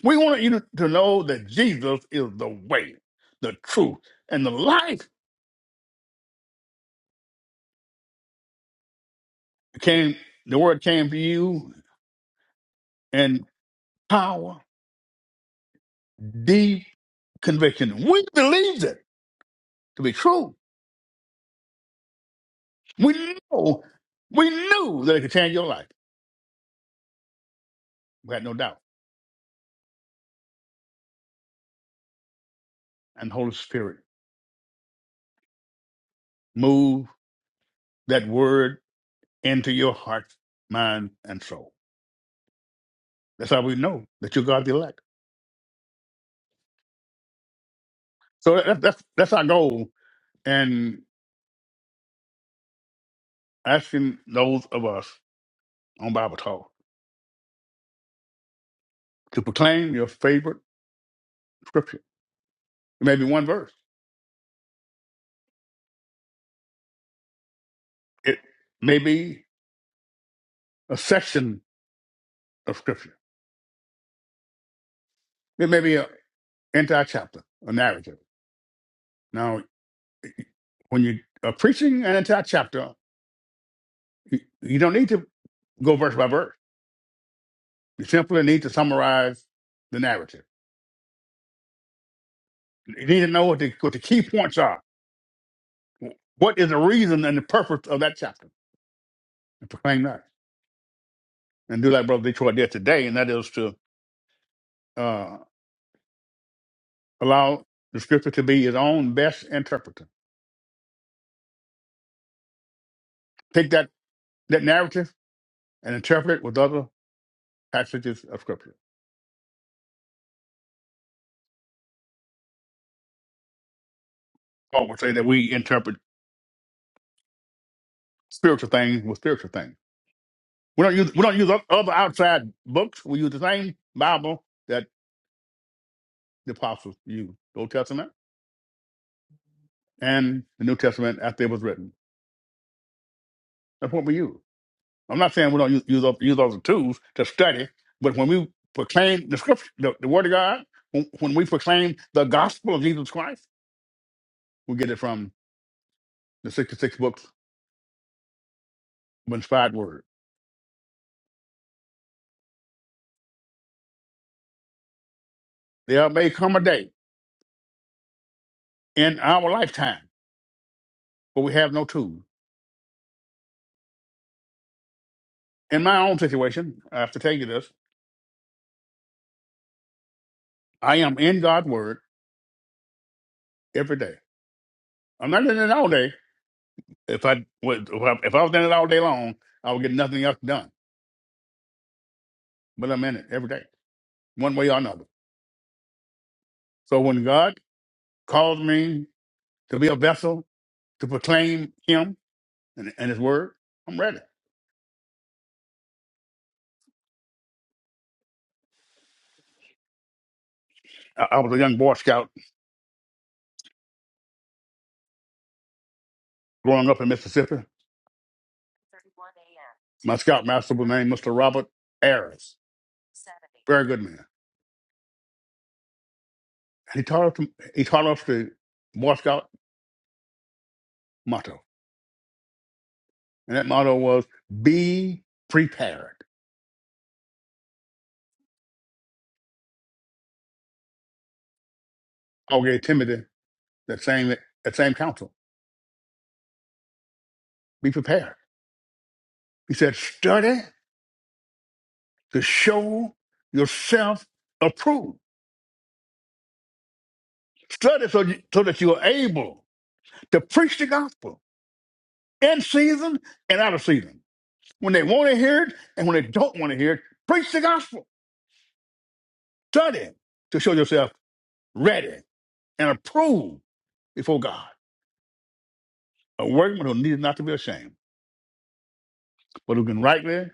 [SPEAKER 1] We wanted you to, to know that Jesus is the way, the truth, and the life. It came. The word came to you in power, deep conviction. We believed it to be true We know, we knew that it could change your life. We had no doubt. And the Holy Spirit move that word into your heart, mind, and soul. That's how we know that you're God's elect. So that, that's that's our goal in asking those of us on Bible Talk to proclaim your favorite scripture. It may be one verse. It may be a section of scripture. It may be an entire chapter, a narrative. Now, when you are preaching an entire chapter You you don't need to go verse by verse. You simply need to summarize the narrative. You need to know what the, what the key points are. What is the reason and the purpose of that chapter? And proclaim that. And do like Brother Detroit did today, and that is to uh, allow the scripture to be his own best interpreter. Take that, that narrative and interpret it with other passages of scripture. Paul would say that we interpret spiritual things with spiritual things. We don't use, we don't use o- other outside books. We use the same Bible the apostles, used the Old Testament and the New Testament after it was written. That's what we use. I'm not saying we don't use use, those use all tools to study, but when we proclaim the scripture, the, the Word of God, when, when we proclaim the gospel of Jesus Christ, we get it from the 66 books of inspired word. There may come a day in our lifetime where we have no tools. In my own situation, I have to tell you this: I am in God's word every day. I'm not in it all day, If I was if I if I was in it all day long, I would get nothing else done. But I'm in it every day, one way or another. So when God calls me to be a vessel to proclaim Him and, and His Word, I'm ready. I, I was a young Boy Scout growing up in Mississippi. My scoutmaster was named Mr. Robert Ayers, very good man. And he taught us he taught us the Boy Scout motto, and that motto was "Be prepared." I gave Timothy that same that same counsel: be prepared He said, study to show yourself approved. Study so, you, so that you are able to preach the gospel in season and out of season. When they want to hear it and when they don't want to hear it, preach the gospel. Study to show yourself ready and approved before God. A workman who needs not to be ashamed, but who can rightly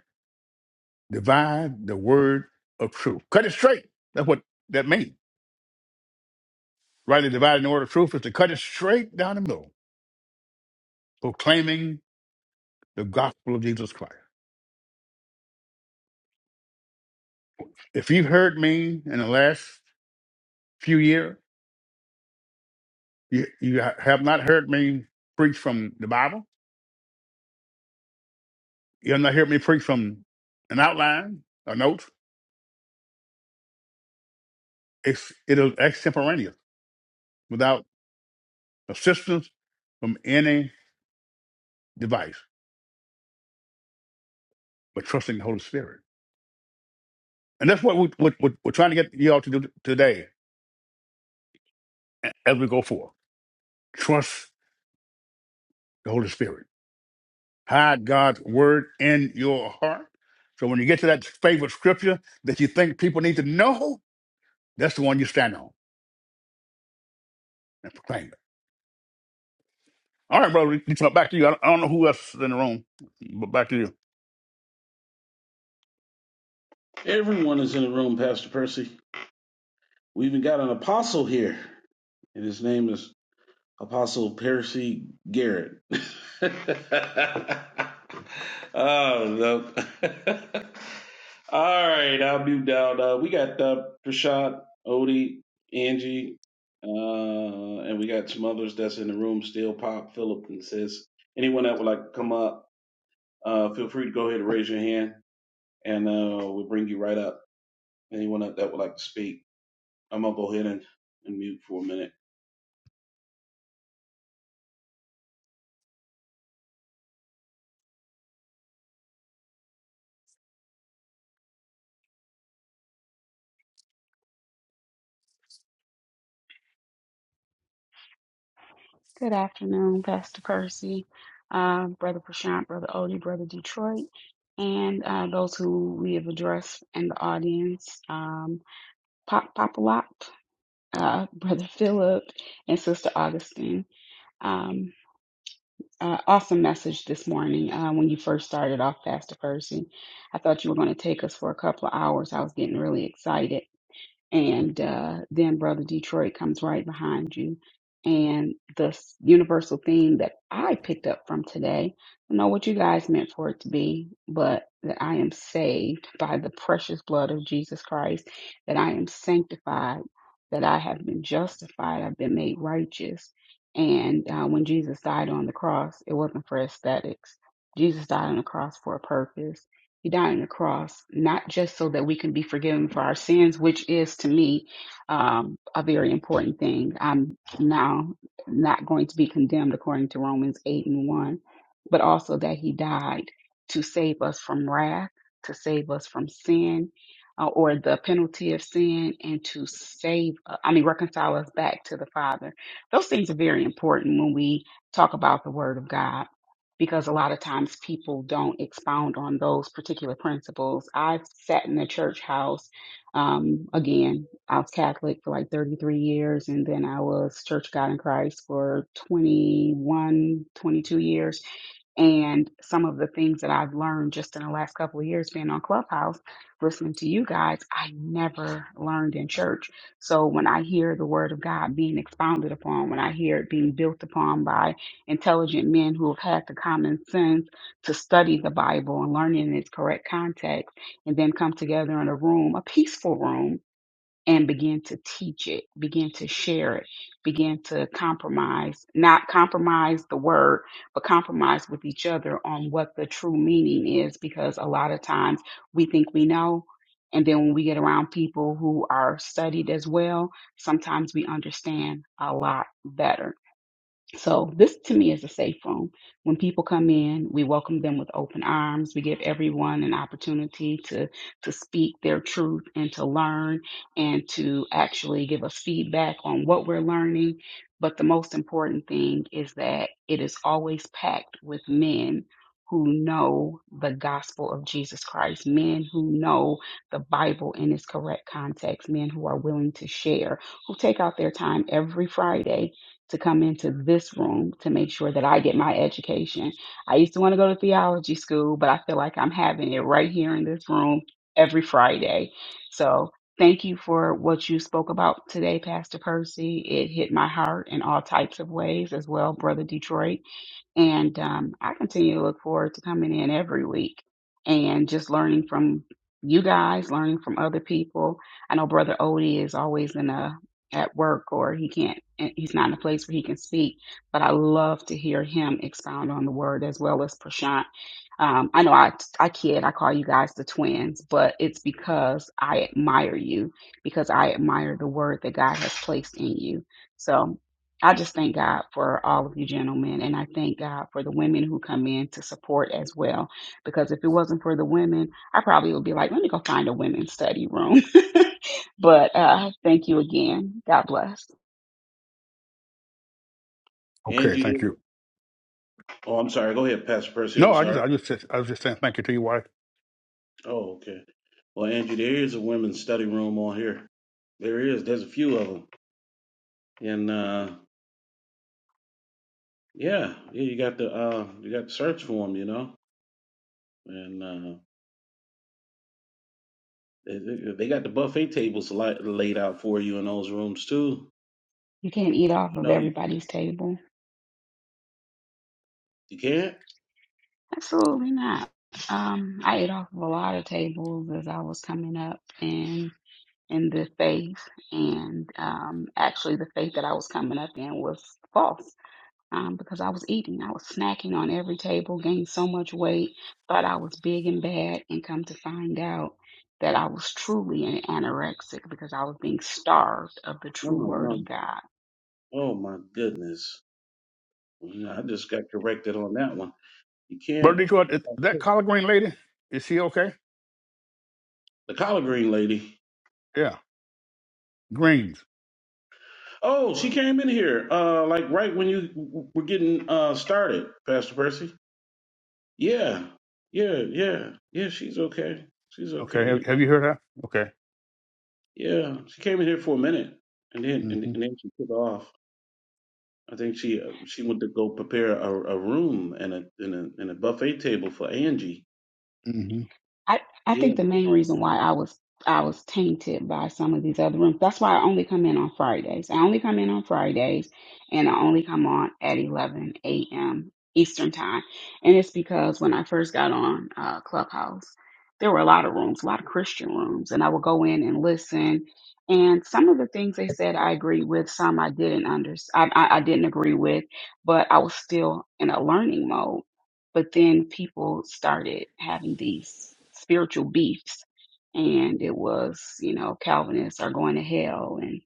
[SPEAKER 1] divide the word of truth. Cut it straight. That's what that means. Rightly dividing the word of truth is to cut it straight down the middle, proclaiming the gospel of Jesus Christ. If you've heard me in the last few years, you, you ha- have not heard me preach from the Bible. You have not heard me preach from an outline, or notes. It's, it is extemporaneous without assistance from any device, but trusting the Holy Spirit. And that's what, we, what, what we're trying to get you all to do today as we go forth. Trust the Holy Spirit Hide God's word in your heart. So when you get to that favorite scripture that you think people need to know, that's the one you stand on and proclaim it. All right, brother, you turn back to you. I don't, I don't know who else is in the room, but back to you.
[SPEAKER 2] Everyone is in the room, Pastor Percy. We even got an apostle here, and his name is Apostle Percy Garrett. oh no. All right, I'll mute down. Uh, we got uh, Prashad, Odie, Angie, uh, and we got some others that's in the room still. Pop, Philip, and Sis. Anyone that would like to come up, uh, feel free to go ahead and raise your hand, and uh, we'll bring you right up. Anyone that, that would like to speak, I'm gonna go ahead and, and mute for a minute.
[SPEAKER 4] Good afternoon, Pastor Percy, uh, Brother Prashant, Brother Odie, Brother Detroit, and uh, those who we have addressed in the audience, um, Pop Popalop, uh, Brother Philip, and Sister Augustine. Um, uh, awesome message this morning uh, when you first started off, Pastor Percy. I thought you were going to take us for a couple of hours. I was getting really excited and uh, then Brother Detroit comes right behind you. And the s- universal theme that I picked up from today, I don't know what you guys meant for it to be, but that I am saved by the precious blood of Jesus Christ, that I am sanctified, that I have been justified, I've been made righteous. And uh, when Jesus died on the cross, it wasn't for aesthetics. Jesus died on the cross for a purpose. He died on the cross, not just so that we can be forgiven for our sins, which is to me um, a very important thing. I'm now not going to be condemned according to Romans 8 and 1, but also that he died to save us from wrath, to save us from sin uh, or the penalty of sin, and to save, uh, I mean, reconcile us back to the Father. Those things are very important when we talk about the Word of God because a lot of times people don't expound on those particular principles. I've sat in the church house. Um, again, I was Catholic for like 33 years, and then I was Church of God in Christ for 21, 22 years. And some of the things that I've learned just in the last couple of years being on Clubhouse, listening to you guys, I never learned in church. So when I hear the word of God being expounded upon, when I hear it being built upon by intelligent men who have had the common sense to study the Bible and learn it in its correct context, and then come together in a room, a peaceful room, and begin to teach it, begin to share it, begin to compromise, not compromise the word, but compromise with each other on what the true meaning is, because a lot of times we think we know. And then when we get around people who are studied as well, sometimes we understand a lot better so this to me is a safe room. When people come in, we welcome them with open arms. We give everyone an opportunity to to speak their truth and to learn and to actually give us feedback on what we're learning. But the most important thing is that it is always packed with men who know the gospel of Jesus Christ, men who know the Bible in its correct context, men who are willing to share, who take out their time every Friday to come into this room to make sure that I get my education. I used to want to go to theology school, but I feel like I'm having it right here in this room every Friday. So thank you for what you spoke about today, Pastor Percy. It hit my heart in all types of ways as well, Brother Detroit. And um, I continue to look forward to coming in every week and just learning from you guys, learning from other people. I know Brother Odie is always in a at work or he can't eh, he's not in a place where he can speak, but I love to hear him expound on the word as well as Prashant. Um, I know I I kid, I call you guys the twins, but it's because I admire you, because I admire the word that God has placed in you. So I just thank God for all of you gentlemen, and I thank God for the women who come in to support as well. Because if it wasn't for the women, I probably would be like, let me go find a women's study room. but uh, thank you again. God bless.
[SPEAKER 1] Okay,
[SPEAKER 2] Angie,
[SPEAKER 1] thank you.
[SPEAKER 2] oh, I'm sorry. Go ahead, Pastor Percy.
[SPEAKER 1] No,
[SPEAKER 2] I'm
[SPEAKER 1] I
[SPEAKER 2] sorry.
[SPEAKER 1] just, I just, said- I was just saying thank you to your wife,
[SPEAKER 2] Oh, okay. Well, Andrew, there is a women's study room on here. There is. There's a few of them, and uh, yeah, yeah, you got the uh, you got to search for them, you know, and uh, they, they they got the buffet tables li- laid out for you in those rooms too.
[SPEAKER 4] You can't eat off
[SPEAKER 2] You
[SPEAKER 4] of
[SPEAKER 2] know, you,
[SPEAKER 4] everybody's table.
[SPEAKER 2] you can't.
[SPEAKER 4] Absolutely not. Um, I ate off of a lot of tables as I was coming up in in the faith, and um, actually the faith that I was coming up in was false um, because I was eating. I was snacking on every table, gained so much weight, thought I was big and bad, and come to find out that I was truly an anorexic because I was being starved of the
[SPEAKER 2] No,
[SPEAKER 4] true word
[SPEAKER 2] no.
[SPEAKER 4] of God.
[SPEAKER 2] Oh my goodness, Well, I just got corrected on that one. You
[SPEAKER 1] brother
[SPEAKER 2] can't.
[SPEAKER 1] Detroit. Is that collard green lady, is she okay?
[SPEAKER 2] The collard green lady.
[SPEAKER 1] Yeah, greens.
[SPEAKER 2] Oh, she came in here uh, like right when you were getting uh, started, Pastor Percy. Yeah, yeah, yeah, yeah. She's okay. She's
[SPEAKER 1] Okay,
[SPEAKER 2] okay.
[SPEAKER 1] have, have you
[SPEAKER 2] Um,
[SPEAKER 1] heard her? Okay.
[SPEAKER 2] yeah, she came in here for a minute, and then and,
[SPEAKER 1] Mm-hmm.
[SPEAKER 2] and then she took off. I think she uh, she went to go prepare a, a room and a, and a and a buffet table for Angie.
[SPEAKER 1] Mm-hmm.
[SPEAKER 4] I, I
[SPEAKER 2] Yeah.
[SPEAKER 4] think the main reason why I was I was tainted by some of these other rooms. That's why I only come in on Fridays. I only come in on Fridays and I only come on at 11 a.m. Eastern time. And it's because when I first got on uh, Clubhouse, there were a lot of rooms, a lot of Christian rooms, and I would go in and listen. And some of the things they said I agreed with, some I didn't under, I, I, I didn't agree with, but I was still in a learning mode. But then people started having these spiritual beefs, and it was, you know, Calvinists are going to hell, and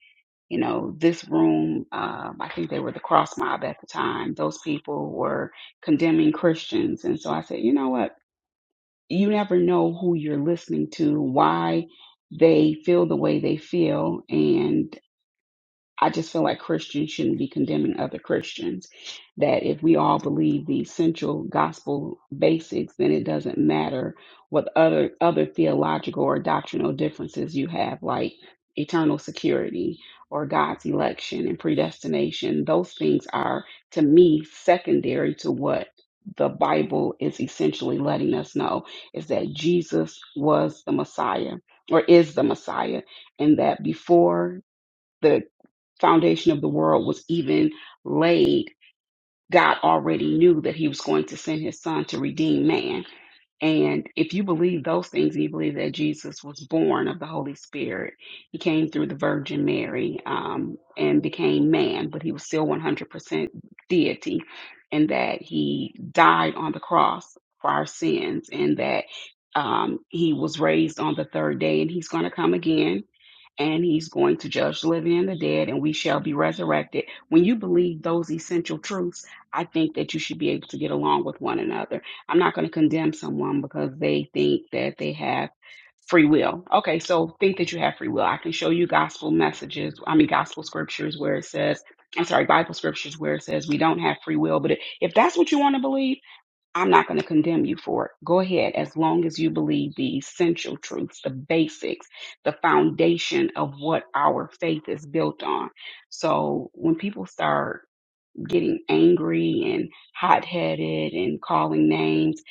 [SPEAKER 4] you know, this room, um, I think they were the cross mob at the time. Those people were condemning Christians, and so I said, you know what? You never know who you're listening to, why they feel the way they feel, and. I just feel like Christians shouldn't be condemning other Christians. That if we all believe the essential gospel basics, then it doesn't matter what other other theological or doctrinal differences you have, like eternal security or God's election and predestination. Those things are to me secondary to what the Bible is essentially letting us know is that Jesus was the Messiah or is the Messiah and that before the foundation of the world was even laid, God already knew that he was going to send his son to redeem man. And if you believe those things, you believe that Jesus was born of the Holy Spirit. He came through the Virgin Mary um, and became man, but he was still 100% deity, and that he died on the cross for our sins, and that um, he was raised on the third day, and he's going to come again and he's going to judge the living and the dead, and we shall be resurrected. When you believe those essential truths, I think that you should be able to get along with one another. I'm not going to condemn someone because they think that they have free will. Okay, so think that you have free will. I can show you gospel messages, I mean, gospel scriptures where it says, I'm sorry, Bible scriptures where it says we don't have free will, but if if that's what you want to believe, I'm not going to condemn you for it. Go ahead as long as you believe the essential truths, the basics, the foundation of what our faith is built on. So when people start getting angry and hot headed and calling names,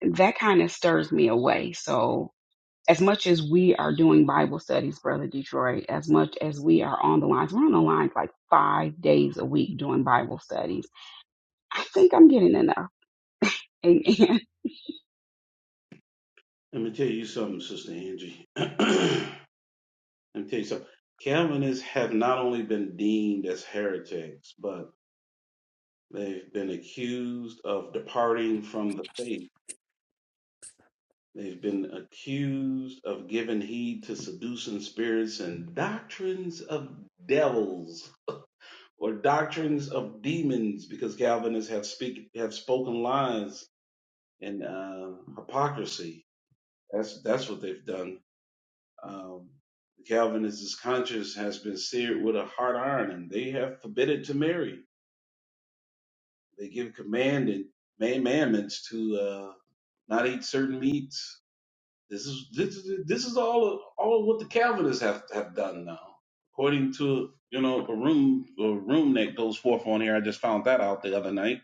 [SPEAKER 4] that kind of stirs me away. So as much as we are doing Bible studies, Brother Detroit, as much as we are on the lines, we're on the lines like five days a week doing Bible studies. I think I'm getting enough. Amen.
[SPEAKER 2] Let me tell you something, Sister Angie. Let me tell you something. Calvinists have not only been deemed as heretics, but they've been accused of departing from the faith. They've been accused of giving heed to seducing spirits and doctrines of devils or doctrines of demons because Calvinists have speak have spoken lies and uh, hypocrisy. That's that's what they've done. Um, the Calvinists' conscience has been seared with a hard iron, and they have forbidden to marry. They give command and commandments to uh, not eat certain meats This is this is this is all all what the Calvinists have have done now, according to you know a room a room that goes forth on here. I just found that out the other night.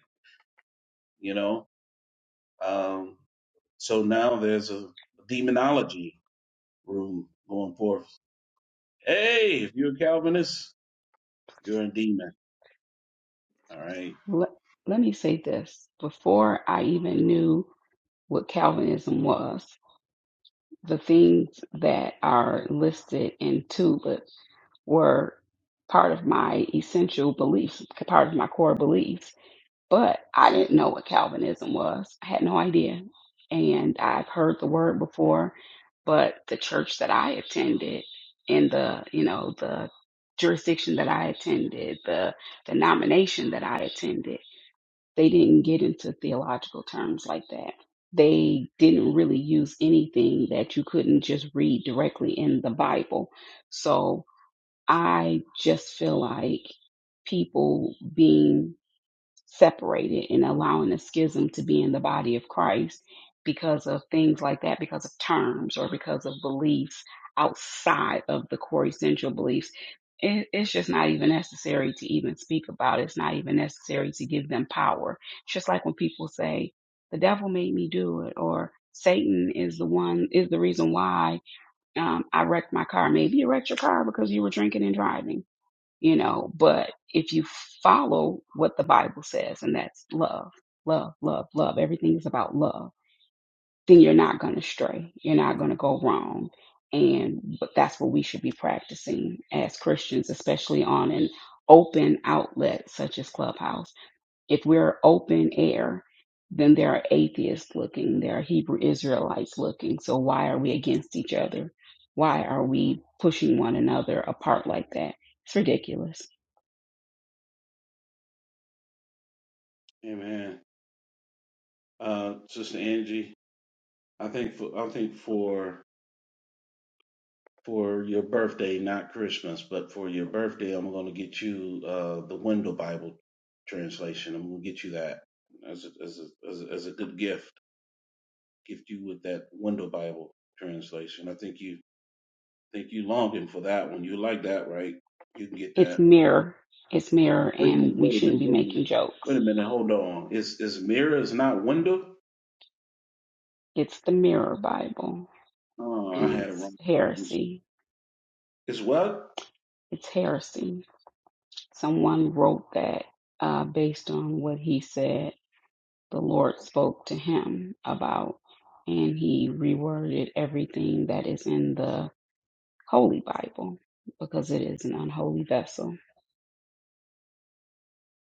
[SPEAKER 2] You know, um, so now there's a demonology room going forth. Hey, if you're a Calvinist, you're a demon. All right,
[SPEAKER 4] Let, let me say this. Before I even knew what Calvinism was, the things that are listed in TULIP were part of my essential beliefs, part of my core beliefs. But I didn't know what Calvinism was. I had no idea. And I've heard the word before, but the church that I attended in the, you know, the jurisdiction that I attended, the denomination that I attended, they didn't get into theological terms like that. They didn't really use anything that you couldn't just read directly in the Bible. So I just feel like people being separated and allowing a schism to be in the body of Christ because of things like that, because of terms or because of beliefs outside of the core essential beliefs. It, it's just not even necessary to even speak about it. It's not even necessary to give them power. It's just like when people say, the devil made me do it, or Satan is the one, is the reason why um, I wrecked my car. Maybe you wrecked your car because you were drinking and driving you know, but if you follow what the Bible says, and that's love, love, love, love, everything is about love, then you're not going to stray. You're not going to go wrong. And but that's what we should be practicing as Christians, especially on an open outlet such as Clubhouse. If we're open air, then there are atheists looking, there are Hebrew Israelites looking. So why are we against each other? Why are we pushing one another apart like that? It's ridiculous.
[SPEAKER 2] amen. Uh, Sister Angie, I think for I think for for your birthday, not Christmas, but for your birthday, I'm going to get you uh, the Window Bible translation. I'm going to get you that as a, as a, as a as a good gift. Gift you with that Window Bible translation. I think you think you longing for that one. You like that, right? You can get
[SPEAKER 4] It's
[SPEAKER 2] that.
[SPEAKER 4] mirror. It's mirror,
[SPEAKER 2] Wait a
[SPEAKER 4] and
[SPEAKER 2] minute.
[SPEAKER 4] we
[SPEAKER 2] Wait a
[SPEAKER 4] shouldn't
[SPEAKER 2] minute.
[SPEAKER 4] be
[SPEAKER 2] Wait a minute.
[SPEAKER 4] making
[SPEAKER 2] Wait
[SPEAKER 4] jokes.
[SPEAKER 2] a minute. Hold on. Is is mirror is not window?
[SPEAKER 4] It's the mirror Bible,
[SPEAKER 2] Oh, I
[SPEAKER 4] and
[SPEAKER 2] had it
[SPEAKER 4] it's
[SPEAKER 2] wrong. I'm sorry.
[SPEAKER 4] heresy.
[SPEAKER 2] It's what?
[SPEAKER 4] It's heresy. Someone wrote that uh, based on what he said the Lord spoke to him about, and he reworded everything that is in the Holy Bible because it is an unholy vessel.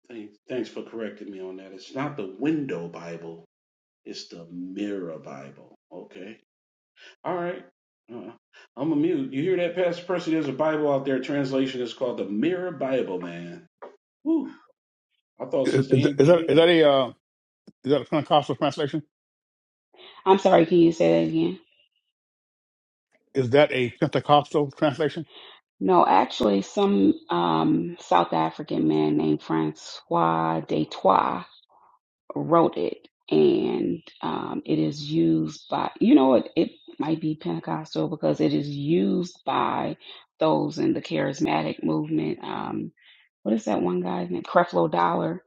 [SPEAKER 2] Thanks, thanks for correcting me on that. It's not the Window Bible It's the Mirror Bible. Okay. All right. Uh, I'm a mute. You hear that, Pastor Percy? There's a Bible out there. Translation is called the Mirror Bible, man. Whew. I thought
[SPEAKER 1] Is,
[SPEAKER 2] Sister
[SPEAKER 1] is
[SPEAKER 2] Angie
[SPEAKER 1] that is
[SPEAKER 2] did
[SPEAKER 1] that
[SPEAKER 2] it.
[SPEAKER 1] a uh, is that a Pentecostal translation?
[SPEAKER 4] I'm sorry, can you say that again?
[SPEAKER 1] Is that a Pentecostal translation?
[SPEAKER 4] No, actually, some um, South African man named Francois Detroit. wrote it, and um, it is used by you know it, it might be Pentecostal because it is used by those in the charismatic movement. Um, what is that one guy's name? Creflo Dollar.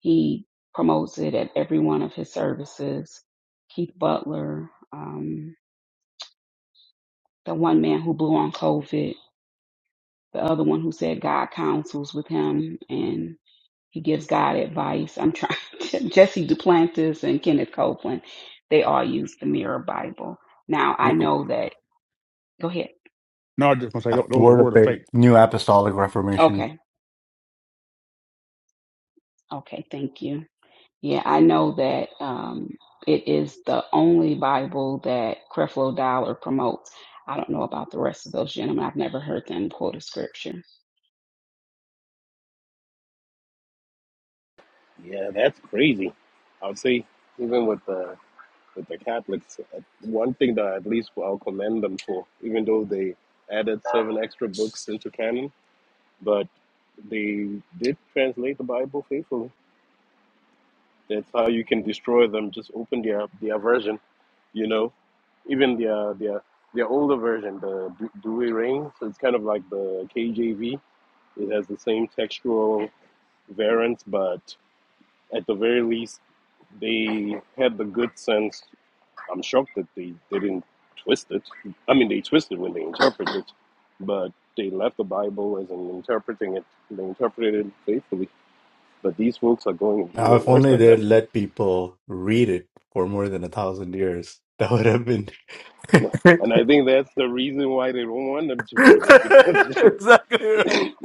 [SPEAKER 4] He promotes it at every one of his services. Keith Butler, um, the one man who blew on COVID, the other one who said God counsels with him, and. He gives God advice. I'm trying. Jesse Duplantis and Kenneth Copeland, they all use the Mirror Bible. Now I know that. Go ahead.
[SPEAKER 1] No, I just want to say tho- those are
[SPEAKER 3] Word of
[SPEAKER 1] word of
[SPEAKER 3] faith,
[SPEAKER 1] faith.
[SPEAKER 3] New Apostolic Reformation.
[SPEAKER 4] Okay. Okay. Thank you. Yeah, I know that um, it is the only Bible that Creflo Dollar promotes. I don't know about the rest of those gentlemen. I've never heard them quote a scripture.
[SPEAKER 5] Yeah, that's crazy. I would say even with the with the Catholics, uh, one thing that at least I'll commend them for, even though they added seven extra books into canon, but they did translate the Bible faithfully. That's how you can destroy them. Just open their their version, you know, even their their their older version, the Du- Douay Rheims. So it's kind of like the KJV. It has the same textual variants, but at the very least. They had the good sense. I'm shocked that they, they didn't twist it. I mean, they twisted when they interpreted it, but they left the Bible as in interpreting it. They interpreted it faithfully. But these folks are going
[SPEAKER 3] Now,
[SPEAKER 5] even
[SPEAKER 3] if
[SPEAKER 5] worse
[SPEAKER 3] only
[SPEAKER 5] than
[SPEAKER 3] they'd
[SPEAKER 5] them.
[SPEAKER 3] let people read it for more than a thousand years, that would have been
[SPEAKER 5] And, and I think that's the reason why they don't want them to read it because
[SPEAKER 3] exactly right.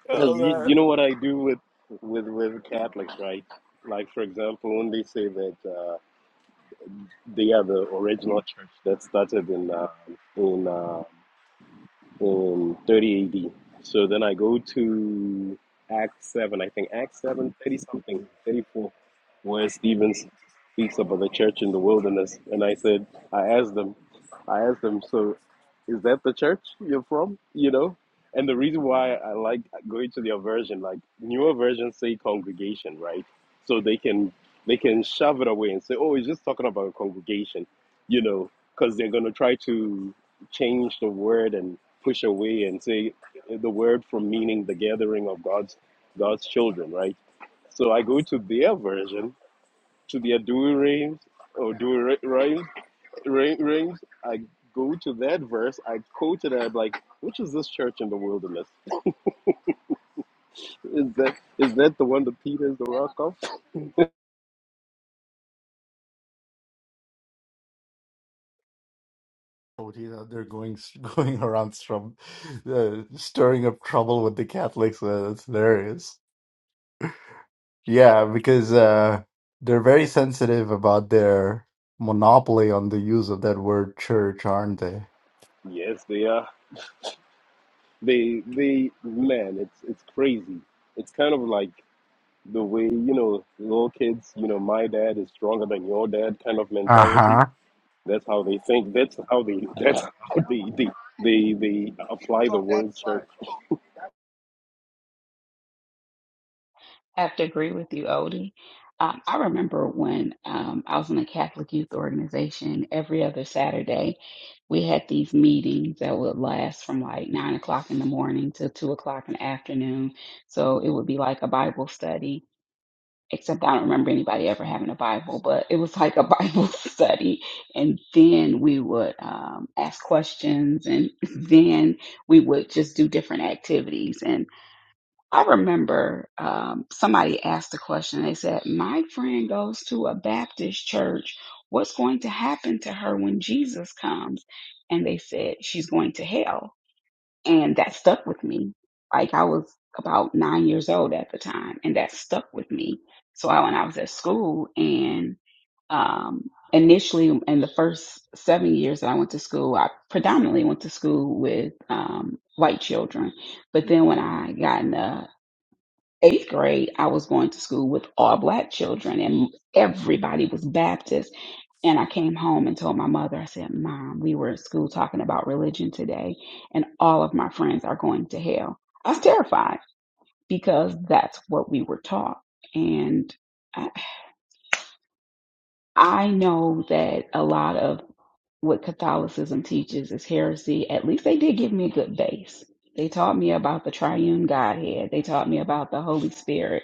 [SPEAKER 5] because
[SPEAKER 3] Oh
[SPEAKER 5] you, you
[SPEAKER 3] man.
[SPEAKER 5] know what I do with with with Catholics, right? Like for example, when they say that uh, they are the original church that started in uh, in uh, in 30 AD. So then I go to Acts 7, I think Acts 7, 30 something, 34, where Stephen speaks about the church in the wilderness. And I said, I asked them, I asked them, so is that the church you're from? You know? And the reason why I like going to their version, like newer versions say congregation, right? So they can they can shove it away and say, oh, it's just talking about a congregation, you know, because they're gonna try to change the word and push away and say the word from meaning the gathering of God's God's children, right? So I go to their version, to their do rings or do rings, rings. I go to that verse. I quote it. And I'm like, which is this church in the wilderness? Is that is that the one that Peter is the rock of?
[SPEAKER 3] Oh, geez, out there going going around strum, uh, stirring up trouble with the Catholics. Uh, that's hilarious. Yeah, because uh, they're very sensitive about their monopoly on the use of that word church, aren't they?
[SPEAKER 5] Yes, they are. They they man, it's it's crazy. It's kind of like the way you know little kids you know my dad is stronger than your dad kind of
[SPEAKER 3] Uh
[SPEAKER 5] mentality
[SPEAKER 3] huh.
[SPEAKER 5] that's how they think that's how they that's how they they they, they apply the words
[SPEAKER 4] have to agree with you, Odie. Um, I remember when um, I was in a Catholic youth organization, every other Saturday, we had these meetings that would last from like nine o'clock in the morning to two o'clock in the afternoon. So it would be like a Bible study, except I don't remember anybody ever having a Bible, but it was like a Bible study. And then we would um, ask questions, and then we would just do different activities. I remember um, somebody asked the question. They said, My friend goes to a Baptist church. What's going to happen to her when Jesus comes? And they said, She's going to hell. And that stuck with me. Like I was about nine years old at the time, and that stuck with me. So I, when I was at school, and um, initially in the first seven years that I went to school, I predominantly went to school with um, white children. But then when I got in the eighth grade, I was going to school with all black children and everybody was Baptist. And I came home and told my mother, I said, Mom, we were at school talking about religion today and all of my friends are going to hell. I was terrified because that's what we were taught. And I, I know that a lot of what Catholicism teaches is heresy. At least they did give me a good base. They taught me about the triune Godhead. They taught me about the Holy Spirit,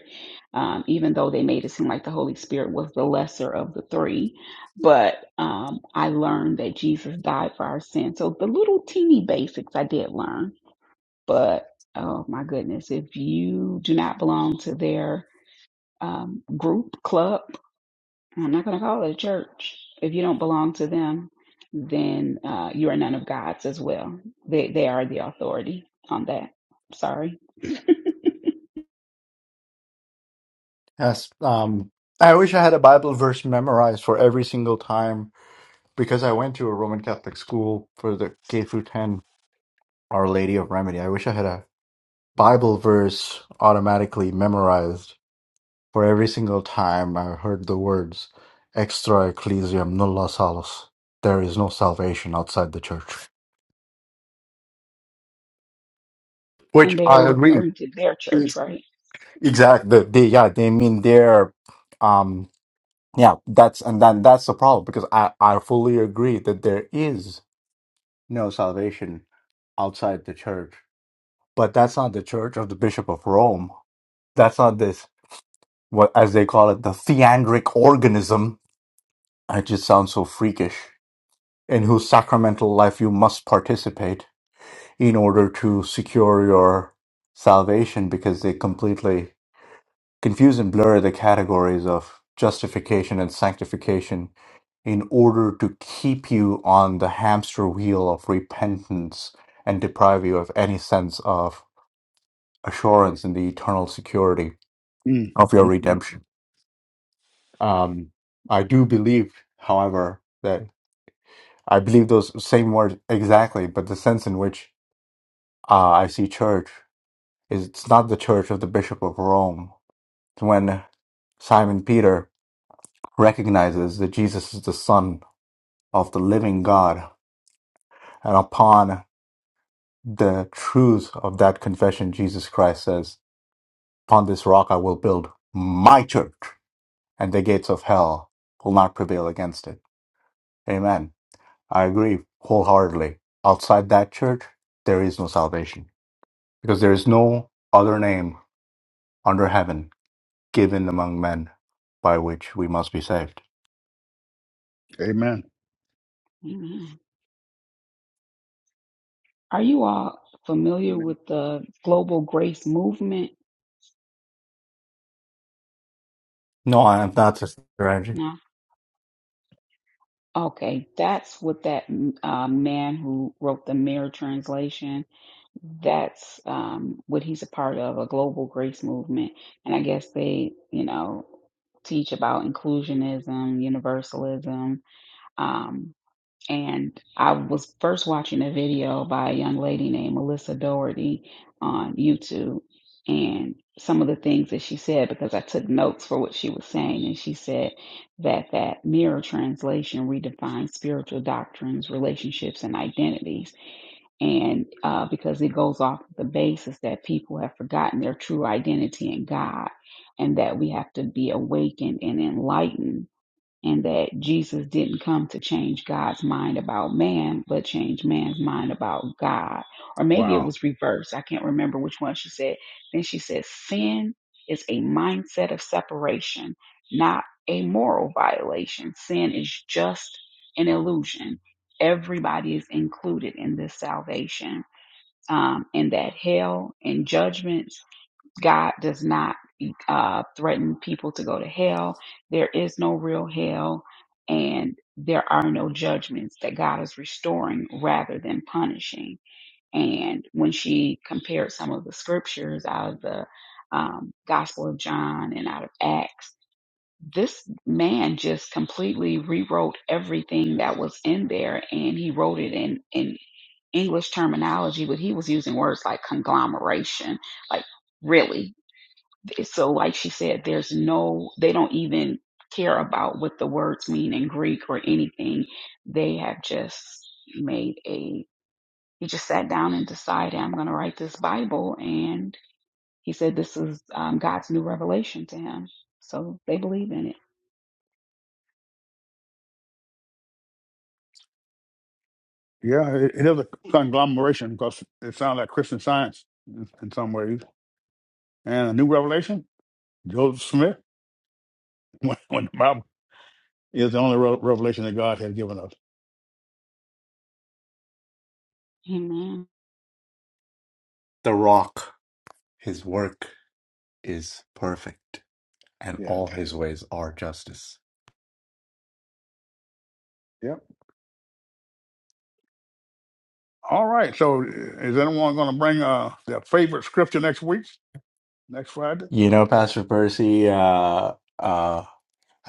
[SPEAKER 4] um, even though they made it seem like the Holy Spirit was the lesser of the three. But um, I learned that Jesus died for our sins. So the little teeny basics I did learn. But oh my goodness, if you do not belong to their um, group, club, I'm not going to call it a church. If you don't belong to them, then uh, you are none of God's as well. They they are the authority on that. Sorry,
[SPEAKER 3] Yes. Um, I wish I had a Bible verse memorized for every single time because I went to a Roman Catholic school for the K through 10, Our Lady of Remedy. I wish I had a Bible verse automatically memorized for every single time I heard the words extra ecclesiam nulla salus. There is no salvation outside the church,
[SPEAKER 4] and
[SPEAKER 3] which
[SPEAKER 4] they
[SPEAKER 3] I
[SPEAKER 4] were
[SPEAKER 3] agree.
[SPEAKER 4] referring to their church,
[SPEAKER 3] is
[SPEAKER 4] right?
[SPEAKER 3] Exactly. They, yeah, they mean there. Um, Yeah, that's and then that's the problem because I I fully agree that there is no salvation outside the church, but that's not the church of the Bishop of Rome. That's not this what as they call it the theandric organism. It just sounds so freakish. In whose sacramental life you must participate in order to secure your salvation because they completely confuse and blur the categories of justification and sanctification in order to keep you on the hamster wheel of repentance and deprive you of any sense of assurance in the eternal security
[SPEAKER 1] Mm,
[SPEAKER 3] of your
[SPEAKER 1] mm, mm.
[SPEAKER 3] redemption. Um, I do believe, however, that I believe those same words exactly, but the sense in which uh, I see church is it's not the church of the Bishop of Rome. when Simon Peter recognizes that Jesus is the Son of the living God. And upon the truth of that confession, Jesus Christ says, Upon this rock I will build my church, and the gates of hell will not prevail against it. Amen. I agree wholeheartedly. Outside that church, there is no salvation because there is no other name under heaven given among men by which we must be saved.
[SPEAKER 1] Amen.
[SPEAKER 4] Amen. Are you all familiar
[SPEAKER 2] Amen.
[SPEAKER 4] with the global grace movement?
[SPEAKER 3] No, I am not, Sister Angie.
[SPEAKER 4] No. Okay, that's what that uh, man who wrote the Mirror Translation that's um, what he's a part of a global grace movement. And I guess they, you know, teach about inclusionism, universalism. Um, and I was first watching a video by a young lady named Melissa Doherty on YouTube. And some of the things that she said, because I took notes for what she was saying, and she said that that mirror translation redefines spiritual doctrines, relationships, and identities and uh, because it goes off the basis that people have forgotten their true identity in God, and that we have to be awakened and enlightened and that Jesus didn't come to change God's mind about man, but change man's mind about God. Or maybe it
[SPEAKER 1] Wow.
[SPEAKER 4] was reversed. I can't remember which one she said. Then she said, Sin is a mindset of separation, not a moral violation. Sin is just an illusion. Everybody is included in this salvation, um, and that hell and judgment. God does not uh, threaten people to go to hell. There is no real hell, and there are no judgments that God is restoring rather than punishing. And when she compared some of the scriptures out of the um, Gospel of John and out of Acts, this man just completely rewrote everything that was in there, and he wrote it in in English terminology, but he was using words like conglomeration, like really so like she said there's no they don't even care about what the words mean in greek or anything they have just made a he just sat down and decided i'm going to write this bible and he said this is um, god's new revelation to him so they believe in it
[SPEAKER 1] Yeah, it, it is a conglomeration because it sounds like Christian science in, in some ways. And a new revelation, Joseph Smith, when, when the Bible is the only re- revelation that God has given us.
[SPEAKER 4] amen
[SPEAKER 3] The rock, his work. is perfect, and
[SPEAKER 1] Yes.
[SPEAKER 3] all his ways are justice.
[SPEAKER 1] Yep. All right. So uh, is anyone going to bring uh, their favorite scripture next week, next Friday?
[SPEAKER 3] You know, Pastor Percy, uh, uh,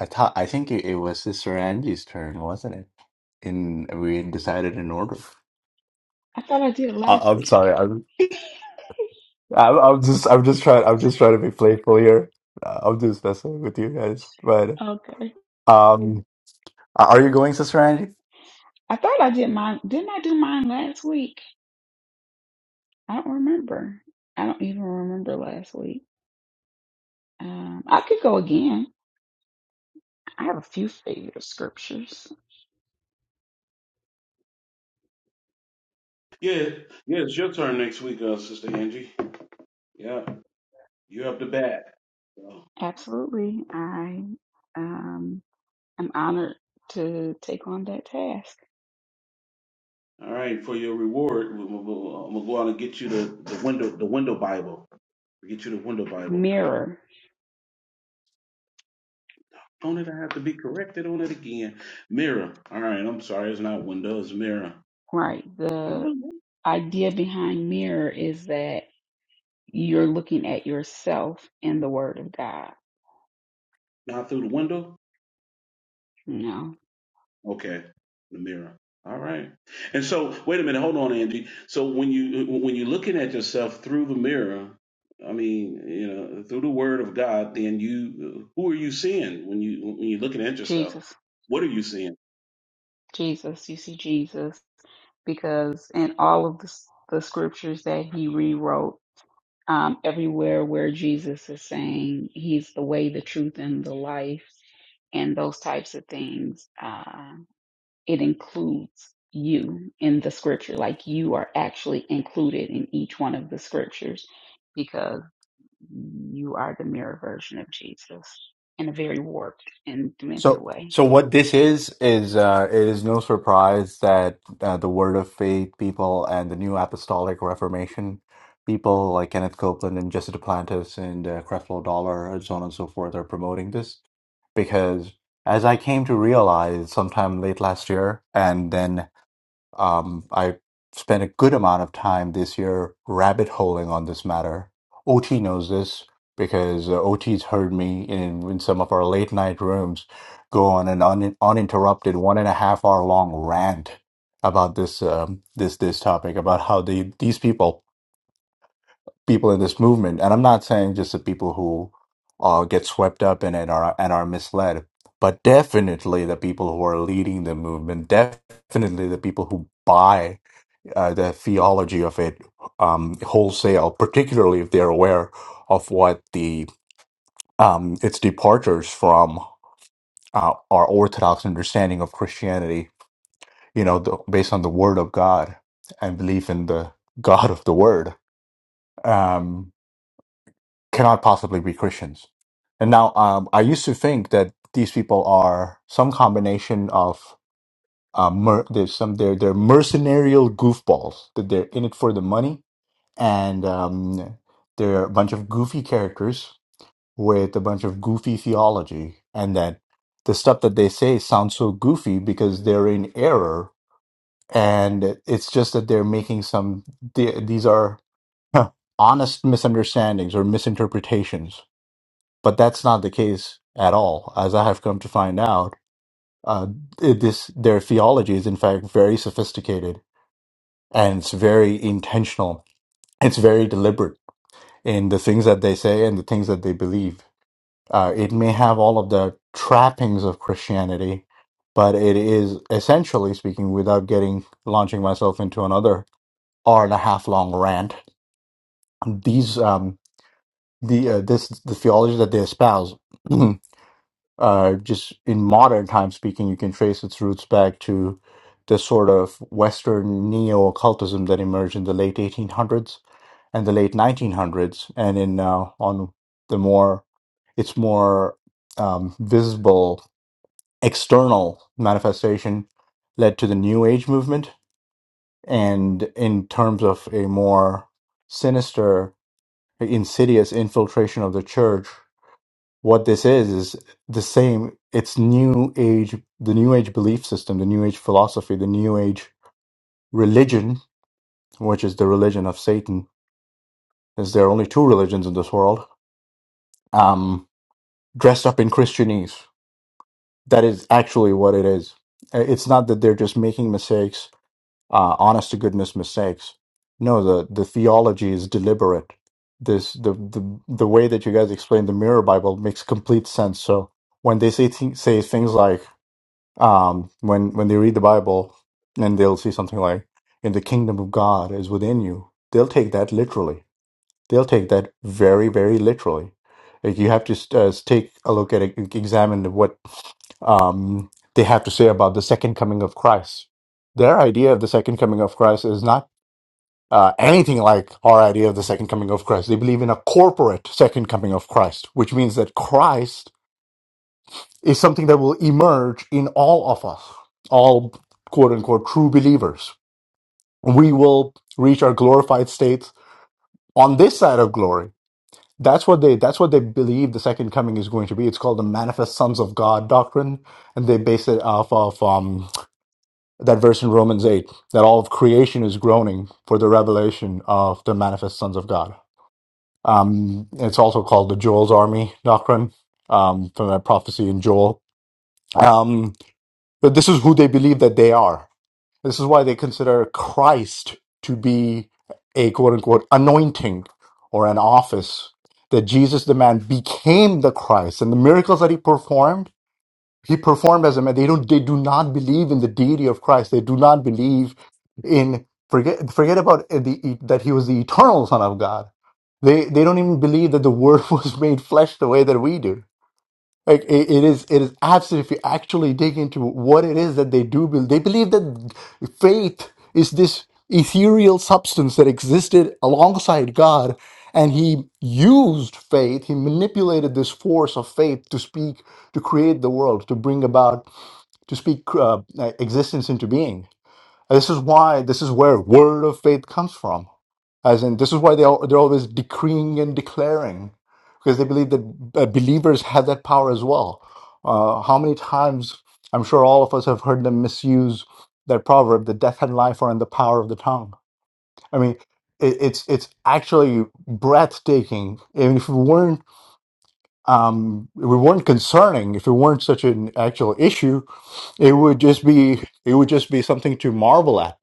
[SPEAKER 3] I thought I think it, it was Sister Angie's turn, wasn't it? In we decided in order.
[SPEAKER 4] i thought i did
[SPEAKER 3] I,
[SPEAKER 4] last
[SPEAKER 3] I'm
[SPEAKER 4] week
[SPEAKER 3] sorry. I'm, I'm I'm just I'm just trying I'm just trying to be playful here. Uh, I'm just messing with you guys. But
[SPEAKER 4] okay
[SPEAKER 3] um, are you going, Sister Angie?
[SPEAKER 4] i thought i did mine didn't i do mine last week i don't remember i don't even remember last week um, i could go again I have a few favorite scriptures.
[SPEAKER 2] Yeah. Yeah, it's your turn next week, uh, Sister Angie. Yeah. You're up to bat. So,
[SPEAKER 4] Absolutely. I um, am honored to take on that task.
[SPEAKER 2] all right. For your reward, we- we- we'll- uh, I'm going to go out and get you the, the window the window Bible. Get you the window Bible.
[SPEAKER 4] Mirror,
[SPEAKER 2] Don't it I have to be corrected on it again? Mirror. All right. I'm sorry. It's not window. It's mirror.
[SPEAKER 4] right. The idea behind mirror is that you're looking at yourself in the Word of God.
[SPEAKER 2] Not through the window?
[SPEAKER 4] You know,
[SPEAKER 2] Okay. The mirror. All right. And so wait a minute, hold on, Angie. So when you when you're looking at yourself through the mirror, I mean, you know, through the word of God, then you who are you seeing when you when you're looking at yourself?
[SPEAKER 4] Jesus,
[SPEAKER 2] What are you seeing?
[SPEAKER 4] Jesus, you see Jesus, because in all of the, the scriptures that he rewrote, um, everywhere where Jesus is saying he's the way, the truth, and the life, and those types of things, uh, it includes you in the scripture. Like you are actually included in each one of the scriptures because you are the mirror version of Jesus in a very warped and demented
[SPEAKER 3] So,
[SPEAKER 4] way.
[SPEAKER 3] so what this is is uh, it is no surprise that uh, the Word of Faith people and the New Apostolic Reformation people like Kenneth Copeland and Jesse Duplantis and uh, Creflo Dollar and so on and so forth are promoting this because, as I came to realize sometime late last year, and then um, I spent a good amount of time this year rabbit holing on this matter. OT knows this because uh, OT's heard me in, in some of our late night rooms go on an un, uninterrupted one and a half hour long rant about this um, this this topic about how the these people people in this movement and I'm not saying just the people who uh, get swept up in it are and are misled, but definitely the people who are leading the movement, definitely the people who buy uh, the theology of it um, wholesale, particularly if they're aware of what the um, its departures from uh, our orthodox understanding of Christianity. You know, the, based on the Word of God and belief in the God of the Word, um, cannot possibly be Christians. And now, um, I used to think that these people are some combination of um, mer- there's some they're they're mercenarial goofballs that they're in it for the money and um, there are a bunch of goofy characters with a bunch of goofy theology, and that the stuff that they say sounds so goofy because they're in error, and it's just that they're making some. The, these are huh, honest misunderstandings or misinterpretations, but that's not the case at all, as I have come to find out. Uh, it- this their theology is in fact very sophisticated and it's very intentional. It's very deliberate in the things that they say and the things that they believe. Uh, it may have all of the trappings of Christianity, but it is essentially speaking, without getting launching myself into another hour and a half long rant. These um, the uh, this the theology that they espouse, uh, just in modern time speaking, you can trace its roots back to the sort of Western neo occultism that emerged in the late 1800s in the late 1900s, and in uh, on the more its more um, visible external manifestation led to the New Age movement, and in terms of a more sinister, insidious infiltration of the church, what this is is the same. It's New Age, the New Age belief system, the New Age philosophy, the New Age religion, which is the religion of Satan. Is there are only two religions in this world? Um. dressed up in Christianese. That is actually what it is. Uh, It's not that they're just making mistakes, uh, honest to goodness mistakes. No, the, the theology is deliberate. This the, the the way that you guys explain the Mirror Bible makes complete sense. So when they say th- say things like um, when when they read the Bible and they'll see something like "In the kingdom of God is within you," they'll take that literally they'll take that very very literally like you have to uh, take a look at it like, examine what um, they have to say about the second coming of christ their idea of the second coming of christ is not uh, anything like our idea of the second coming of christ they believe in a corporate second coming of christ which means that christ is something that will emerge in all of us all quote unquote true believers we will reach our glorified states on this side of glory That's what they that's what they believe the second coming is going to be. It's called the manifest sons of God doctrine, and they base it off of um, that verse in Romans eight that all of creation is groaning for the revelation of the manifest sons of God. Um, it's also called the Joel's army doctrine um, from that prophecy in Joel. Um, but this is who they believe that they are. This is why they consider Christ to be a quote unquote anointing or an office. That Jesus, the man, became the Christ, and the miracles that he performed, he performed as a man. They don't, they do not believe in the deity of Christ. They do not believe in forget forget about the that he was the eternal Son of God. They they don't even believe that the Word was made flesh the way that we do like it, it is, it is absolutely. If you actually dig into what it is that they do believe, they believe that faith is this ethereal substance that existed alongside God, and He used faith. He manipulated this force of faith to speak, to create the world, to bring about, to speak uh, existence into being. And this is why, this is where word of faith comes from. As in, this is why they are, they're always decreeing and declaring, because they believe that uh, believers have that power as well. Uh, how many times, I'm sure all of us have heard them misuse that proverb, that death and life are in the power of the tongue. I mean, it, it's it's actually breathtaking. And if we weren't um, if we weren't concerning, if it weren't such an actual issue, it would just be it would just be something to marvel at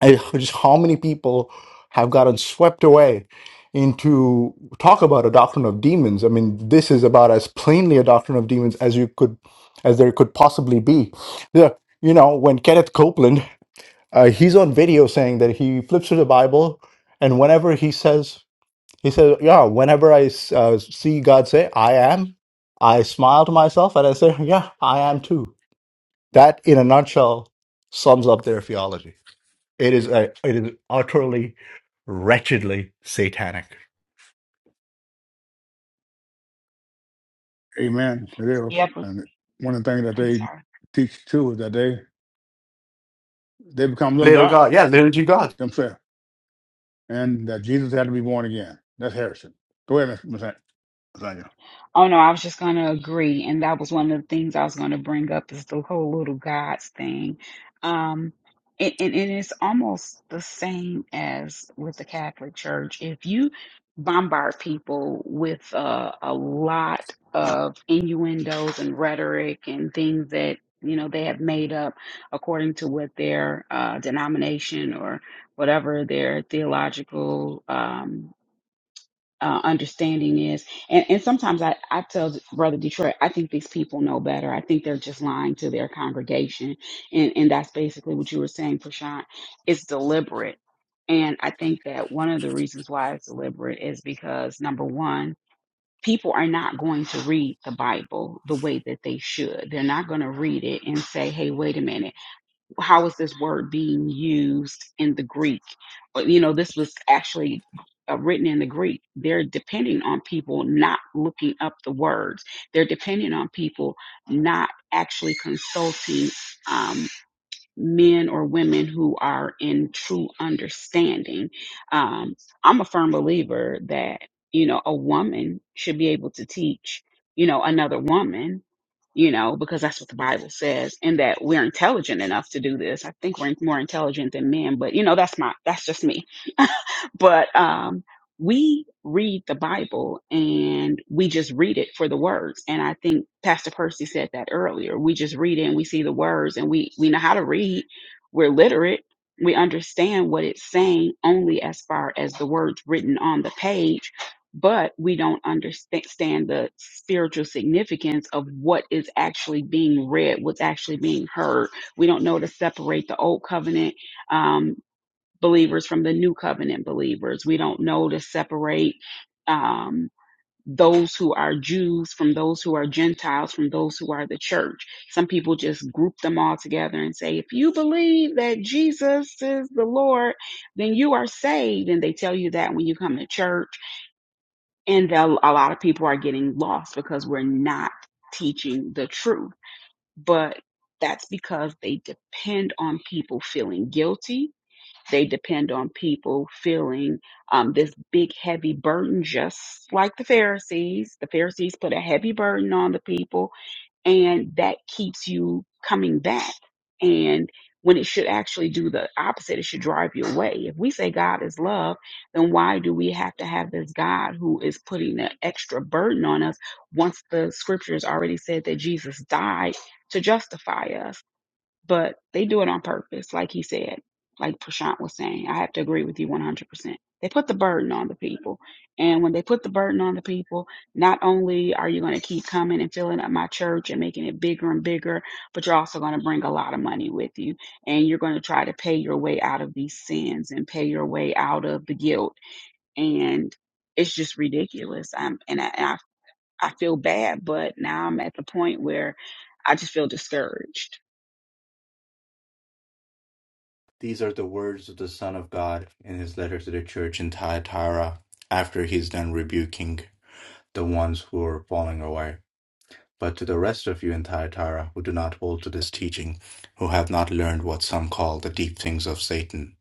[SPEAKER 3] and just how many people have gotten swept away into talk about a doctrine of demons i mean this is about as plainly a doctrine of demons as you could as there could possibly be the, you know when kenneth copeland uh, he's on video saying that he flips through the bible and whenever he says he says yeah whenever i uh, see god say i am i smile to myself and i say yeah i am too that in a nutshell sums up their theology it is a, it is utterly, wretchedly satanic.
[SPEAKER 1] Amen. It is.
[SPEAKER 4] Yep.
[SPEAKER 1] And one of the things that
[SPEAKER 4] I'm
[SPEAKER 1] they
[SPEAKER 4] sorry.
[SPEAKER 1] teach too is that they they become little
[SPEAKER 3] Little God,
[SPEAKER 1] gods
[SPEAKER 3] yeah, little G God.
[SPEAKER 1] themselves. and that Jesus had to be born again. That's Harrison. Go ahead, Miss Miss Nathaniel.
[SPEAKER 4] Oh no, I was just going to agree, and that was one of the things I was going to bring up is the whole little gods thing. Um, and, and, and it's almost the same as with the Catholic Church. If you bombard people with uh, a lot of innuendos and rhetoric and things that you know they have made up according to what their uh, denomination or whatever their theological um, uh, understanding is. And, and sometimes I, I tell Brother Detroit, I think these people know better. I think they're just lying to their congregation. And, and that's basically what you were saying, Prashant. It's deliberate. And I think that one of the reasons why it's deliberate is because number one, people are not going to read the Bible the way that they should. They're not going to read it and say, hey, wait a minute how is this word being used in the Greek? But, You know, this was actually uh, written in the Greek. They're depending on people not looking up the words. They're depending on people not actually consulting um, men or women who are in true understanding. Um, I'm a firm believer that you know a woman should be able to teach you know another woman you know, because that's what the Bible says, and that we're intelligent enough to do this. I think we're more intelligent than men, but you know, that's my that's just me but um, we read the Bible and we just read it for the words. And I think Pastor Percy said that earlier. We just read it and we see the words and we, we know how to read. We're literate. We understand what it's saying only as far as the words written on the page, but we don't understand the spiritual significance of what is actually being read, what's actually being heard. We don't know to separate the old covenant um, believers from the new covenant believers. We don't know to separate um, those who are Jews from those who are Gentiles from those who are the church. Some people just group them all together and say, if you believe that Jesus is the Lord, then you are saved. And they tell you that when you come to church. And the, a lot of people are getting lost because we're not teaching the truth. But that's because they depend on people feeling guilty they depend on people feeling um, this big, heavy burden, just like the Pharisees. The Pharisees put a heavy burden on the people, and that keeps you coming back. And when it should actually do the opposite, it should drive you away. If we say God is love, then why do we have to have this God who is putting an extra burden on us once the scriptures already said that Jesus died to justify us? but they do it on purpose, like he said, like Prashant was saying. I have to agree with you 100%. They put the burden on the people. And when they put the burden on the people, not only are you going to keep coming and filling up my church and making it bigger and bigger, but you're also going to bring a lot of money with you. And you're going to try to pay your way out of these sins and pay your way out of the guilt. And it's just ridiculous. I'm, and I, I, I feel bad, but now I'm at the point where I just feel discouraged
[SPEAKER 3] These are the words of the Son of God in his letter to the church in Thyatira after he's done rebuking the ones who are falling away. But to the rest of you in Thyatira who do not hold to this teaching, who have not learned what some call the deep things of Satan,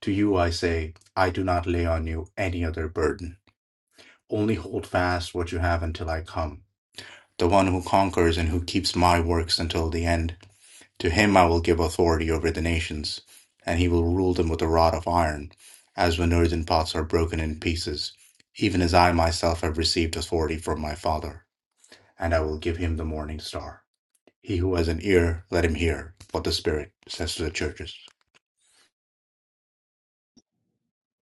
[SPEAKER 3] to you I say, I do not lay on you any other burden. Only hold fast what you have until I come The one who conquers and who keeps my works until the end, to him I will give authority over the nations, and he will rule them with a rod of iron, as when earthen pots are broken in pieces, even as I myself have received authority from my Father, and I will give him the morning star. He who has an ear, let him hear what the Spirit says to the churches.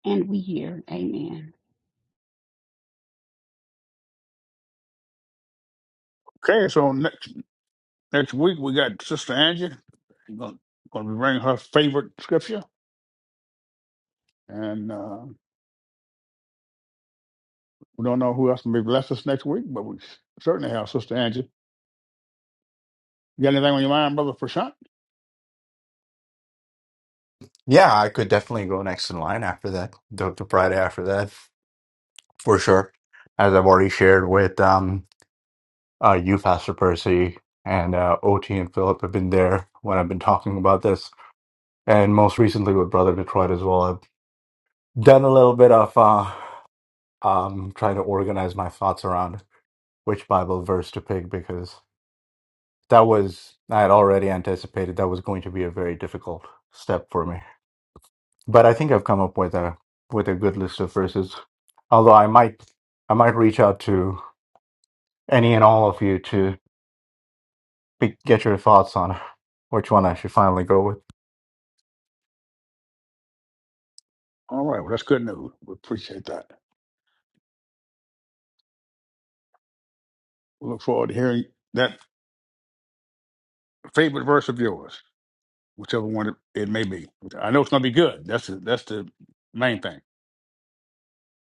[SPEAKER 4] And we here. Amen.
[SPEAKER 1] Okay, so next next week we got Sister Angie. We're gonna, gonna be bringing her favorite scripture, and uh, we don't know who else will be bless us next week, but we certainly have Sister Angie. You got anything on your mind, Brother Prashant?
[SPEAKER 3] Yeah, I could definitely go next in line after that, the, the Friday after that, for sure. As I've already shared with um, uh, you, Pastor Percy, and uh, OT and Philip have been there when I've been talking about this, and most recently with Brother Detroit as well. I've done a little bit of uh, um, trying to organize my thoughts around which Bible verse to pick because that was I had already anticipated that was going to be a very difficult step for me. But I think I've come up with a with a good list of verses. Although I might I might reach out to any and all of you to be, get your thoughts on which one I should finally go with.
[SPEAKER 1] All right, well that's good news. We appreciate that. We look forward to hearing that favorite verse of yours. whichever one it it may be. I know it's gonna be good. That's the, that's the main thing.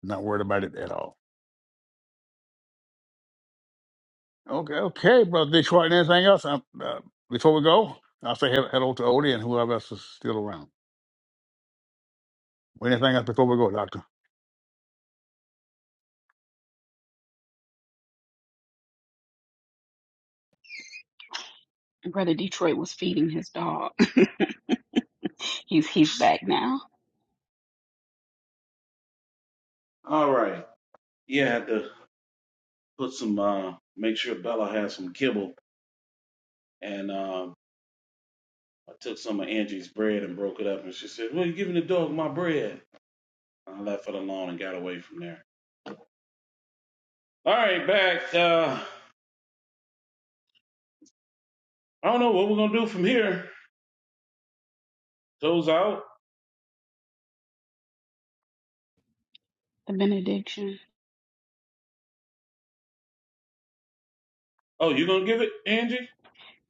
[SPEAKER 1] Not worried about it at all. Okay, okay, brother Detroit. And anything else? i uh, before we go, I'll say he- hello to Odie and whoever else is still around. Anything else before we go, Doctor?
[SPEAKER 4] And Brother Detroit was feeding his dog. he's he's back now.
[SPEAKER 2] All right. Yeah, I had to put some uh make sure Bella had some kibble and um I took some of Angie's bread and broke it up and she said, Well, you're giving the dog my bread. I left it alone and got away from there. All right, back. Uh I don't know what we're gonna do from here. Goes out.
[SPEAKER 4] The benediction.
[SPEAKER 2] Oh, you gonna give it, Angie?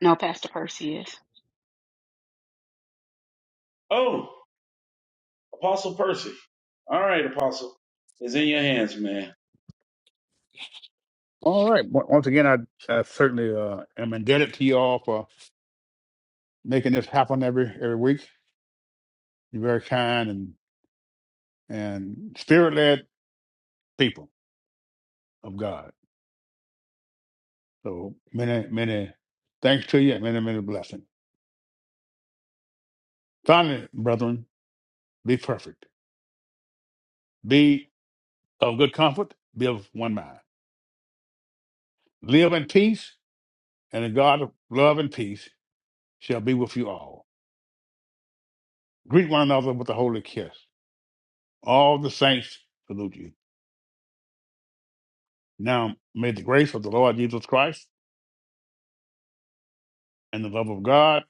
[SPEAKER 4] No, Pastor Percy is.
[SPEAKER 2] Oh, Apostle Percy. All right, Apostle. It's in your hands, man.
[SPEAKER 1] All right. on- Once again, I, I certainly uh, am indebted to you all for making this happen every every week. You're very kind and and spirit led people of God. So many many thanks to you. and Many many blessings. Finally, brethren, be perfect Be of good comfort, be of one mind. Live in peace, and the God of love and peace shall be with you all. Greet one another with a holy kiss. All the saints salute you. Now may the grace of the Lord Jesus Christ and the love of God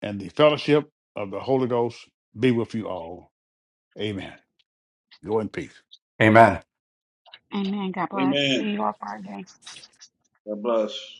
[SPEAKER 1] and the fellowship of the Holy Ghost be with you all. Amen. Go in peace.
[SPEAKER 3] Amen.
[SPEAKER 4] Amen. God bless. See
[SPEAKER 2] Amen.
[SPEAKER 4] you all Friday.
[SPEAKER 2] God bless.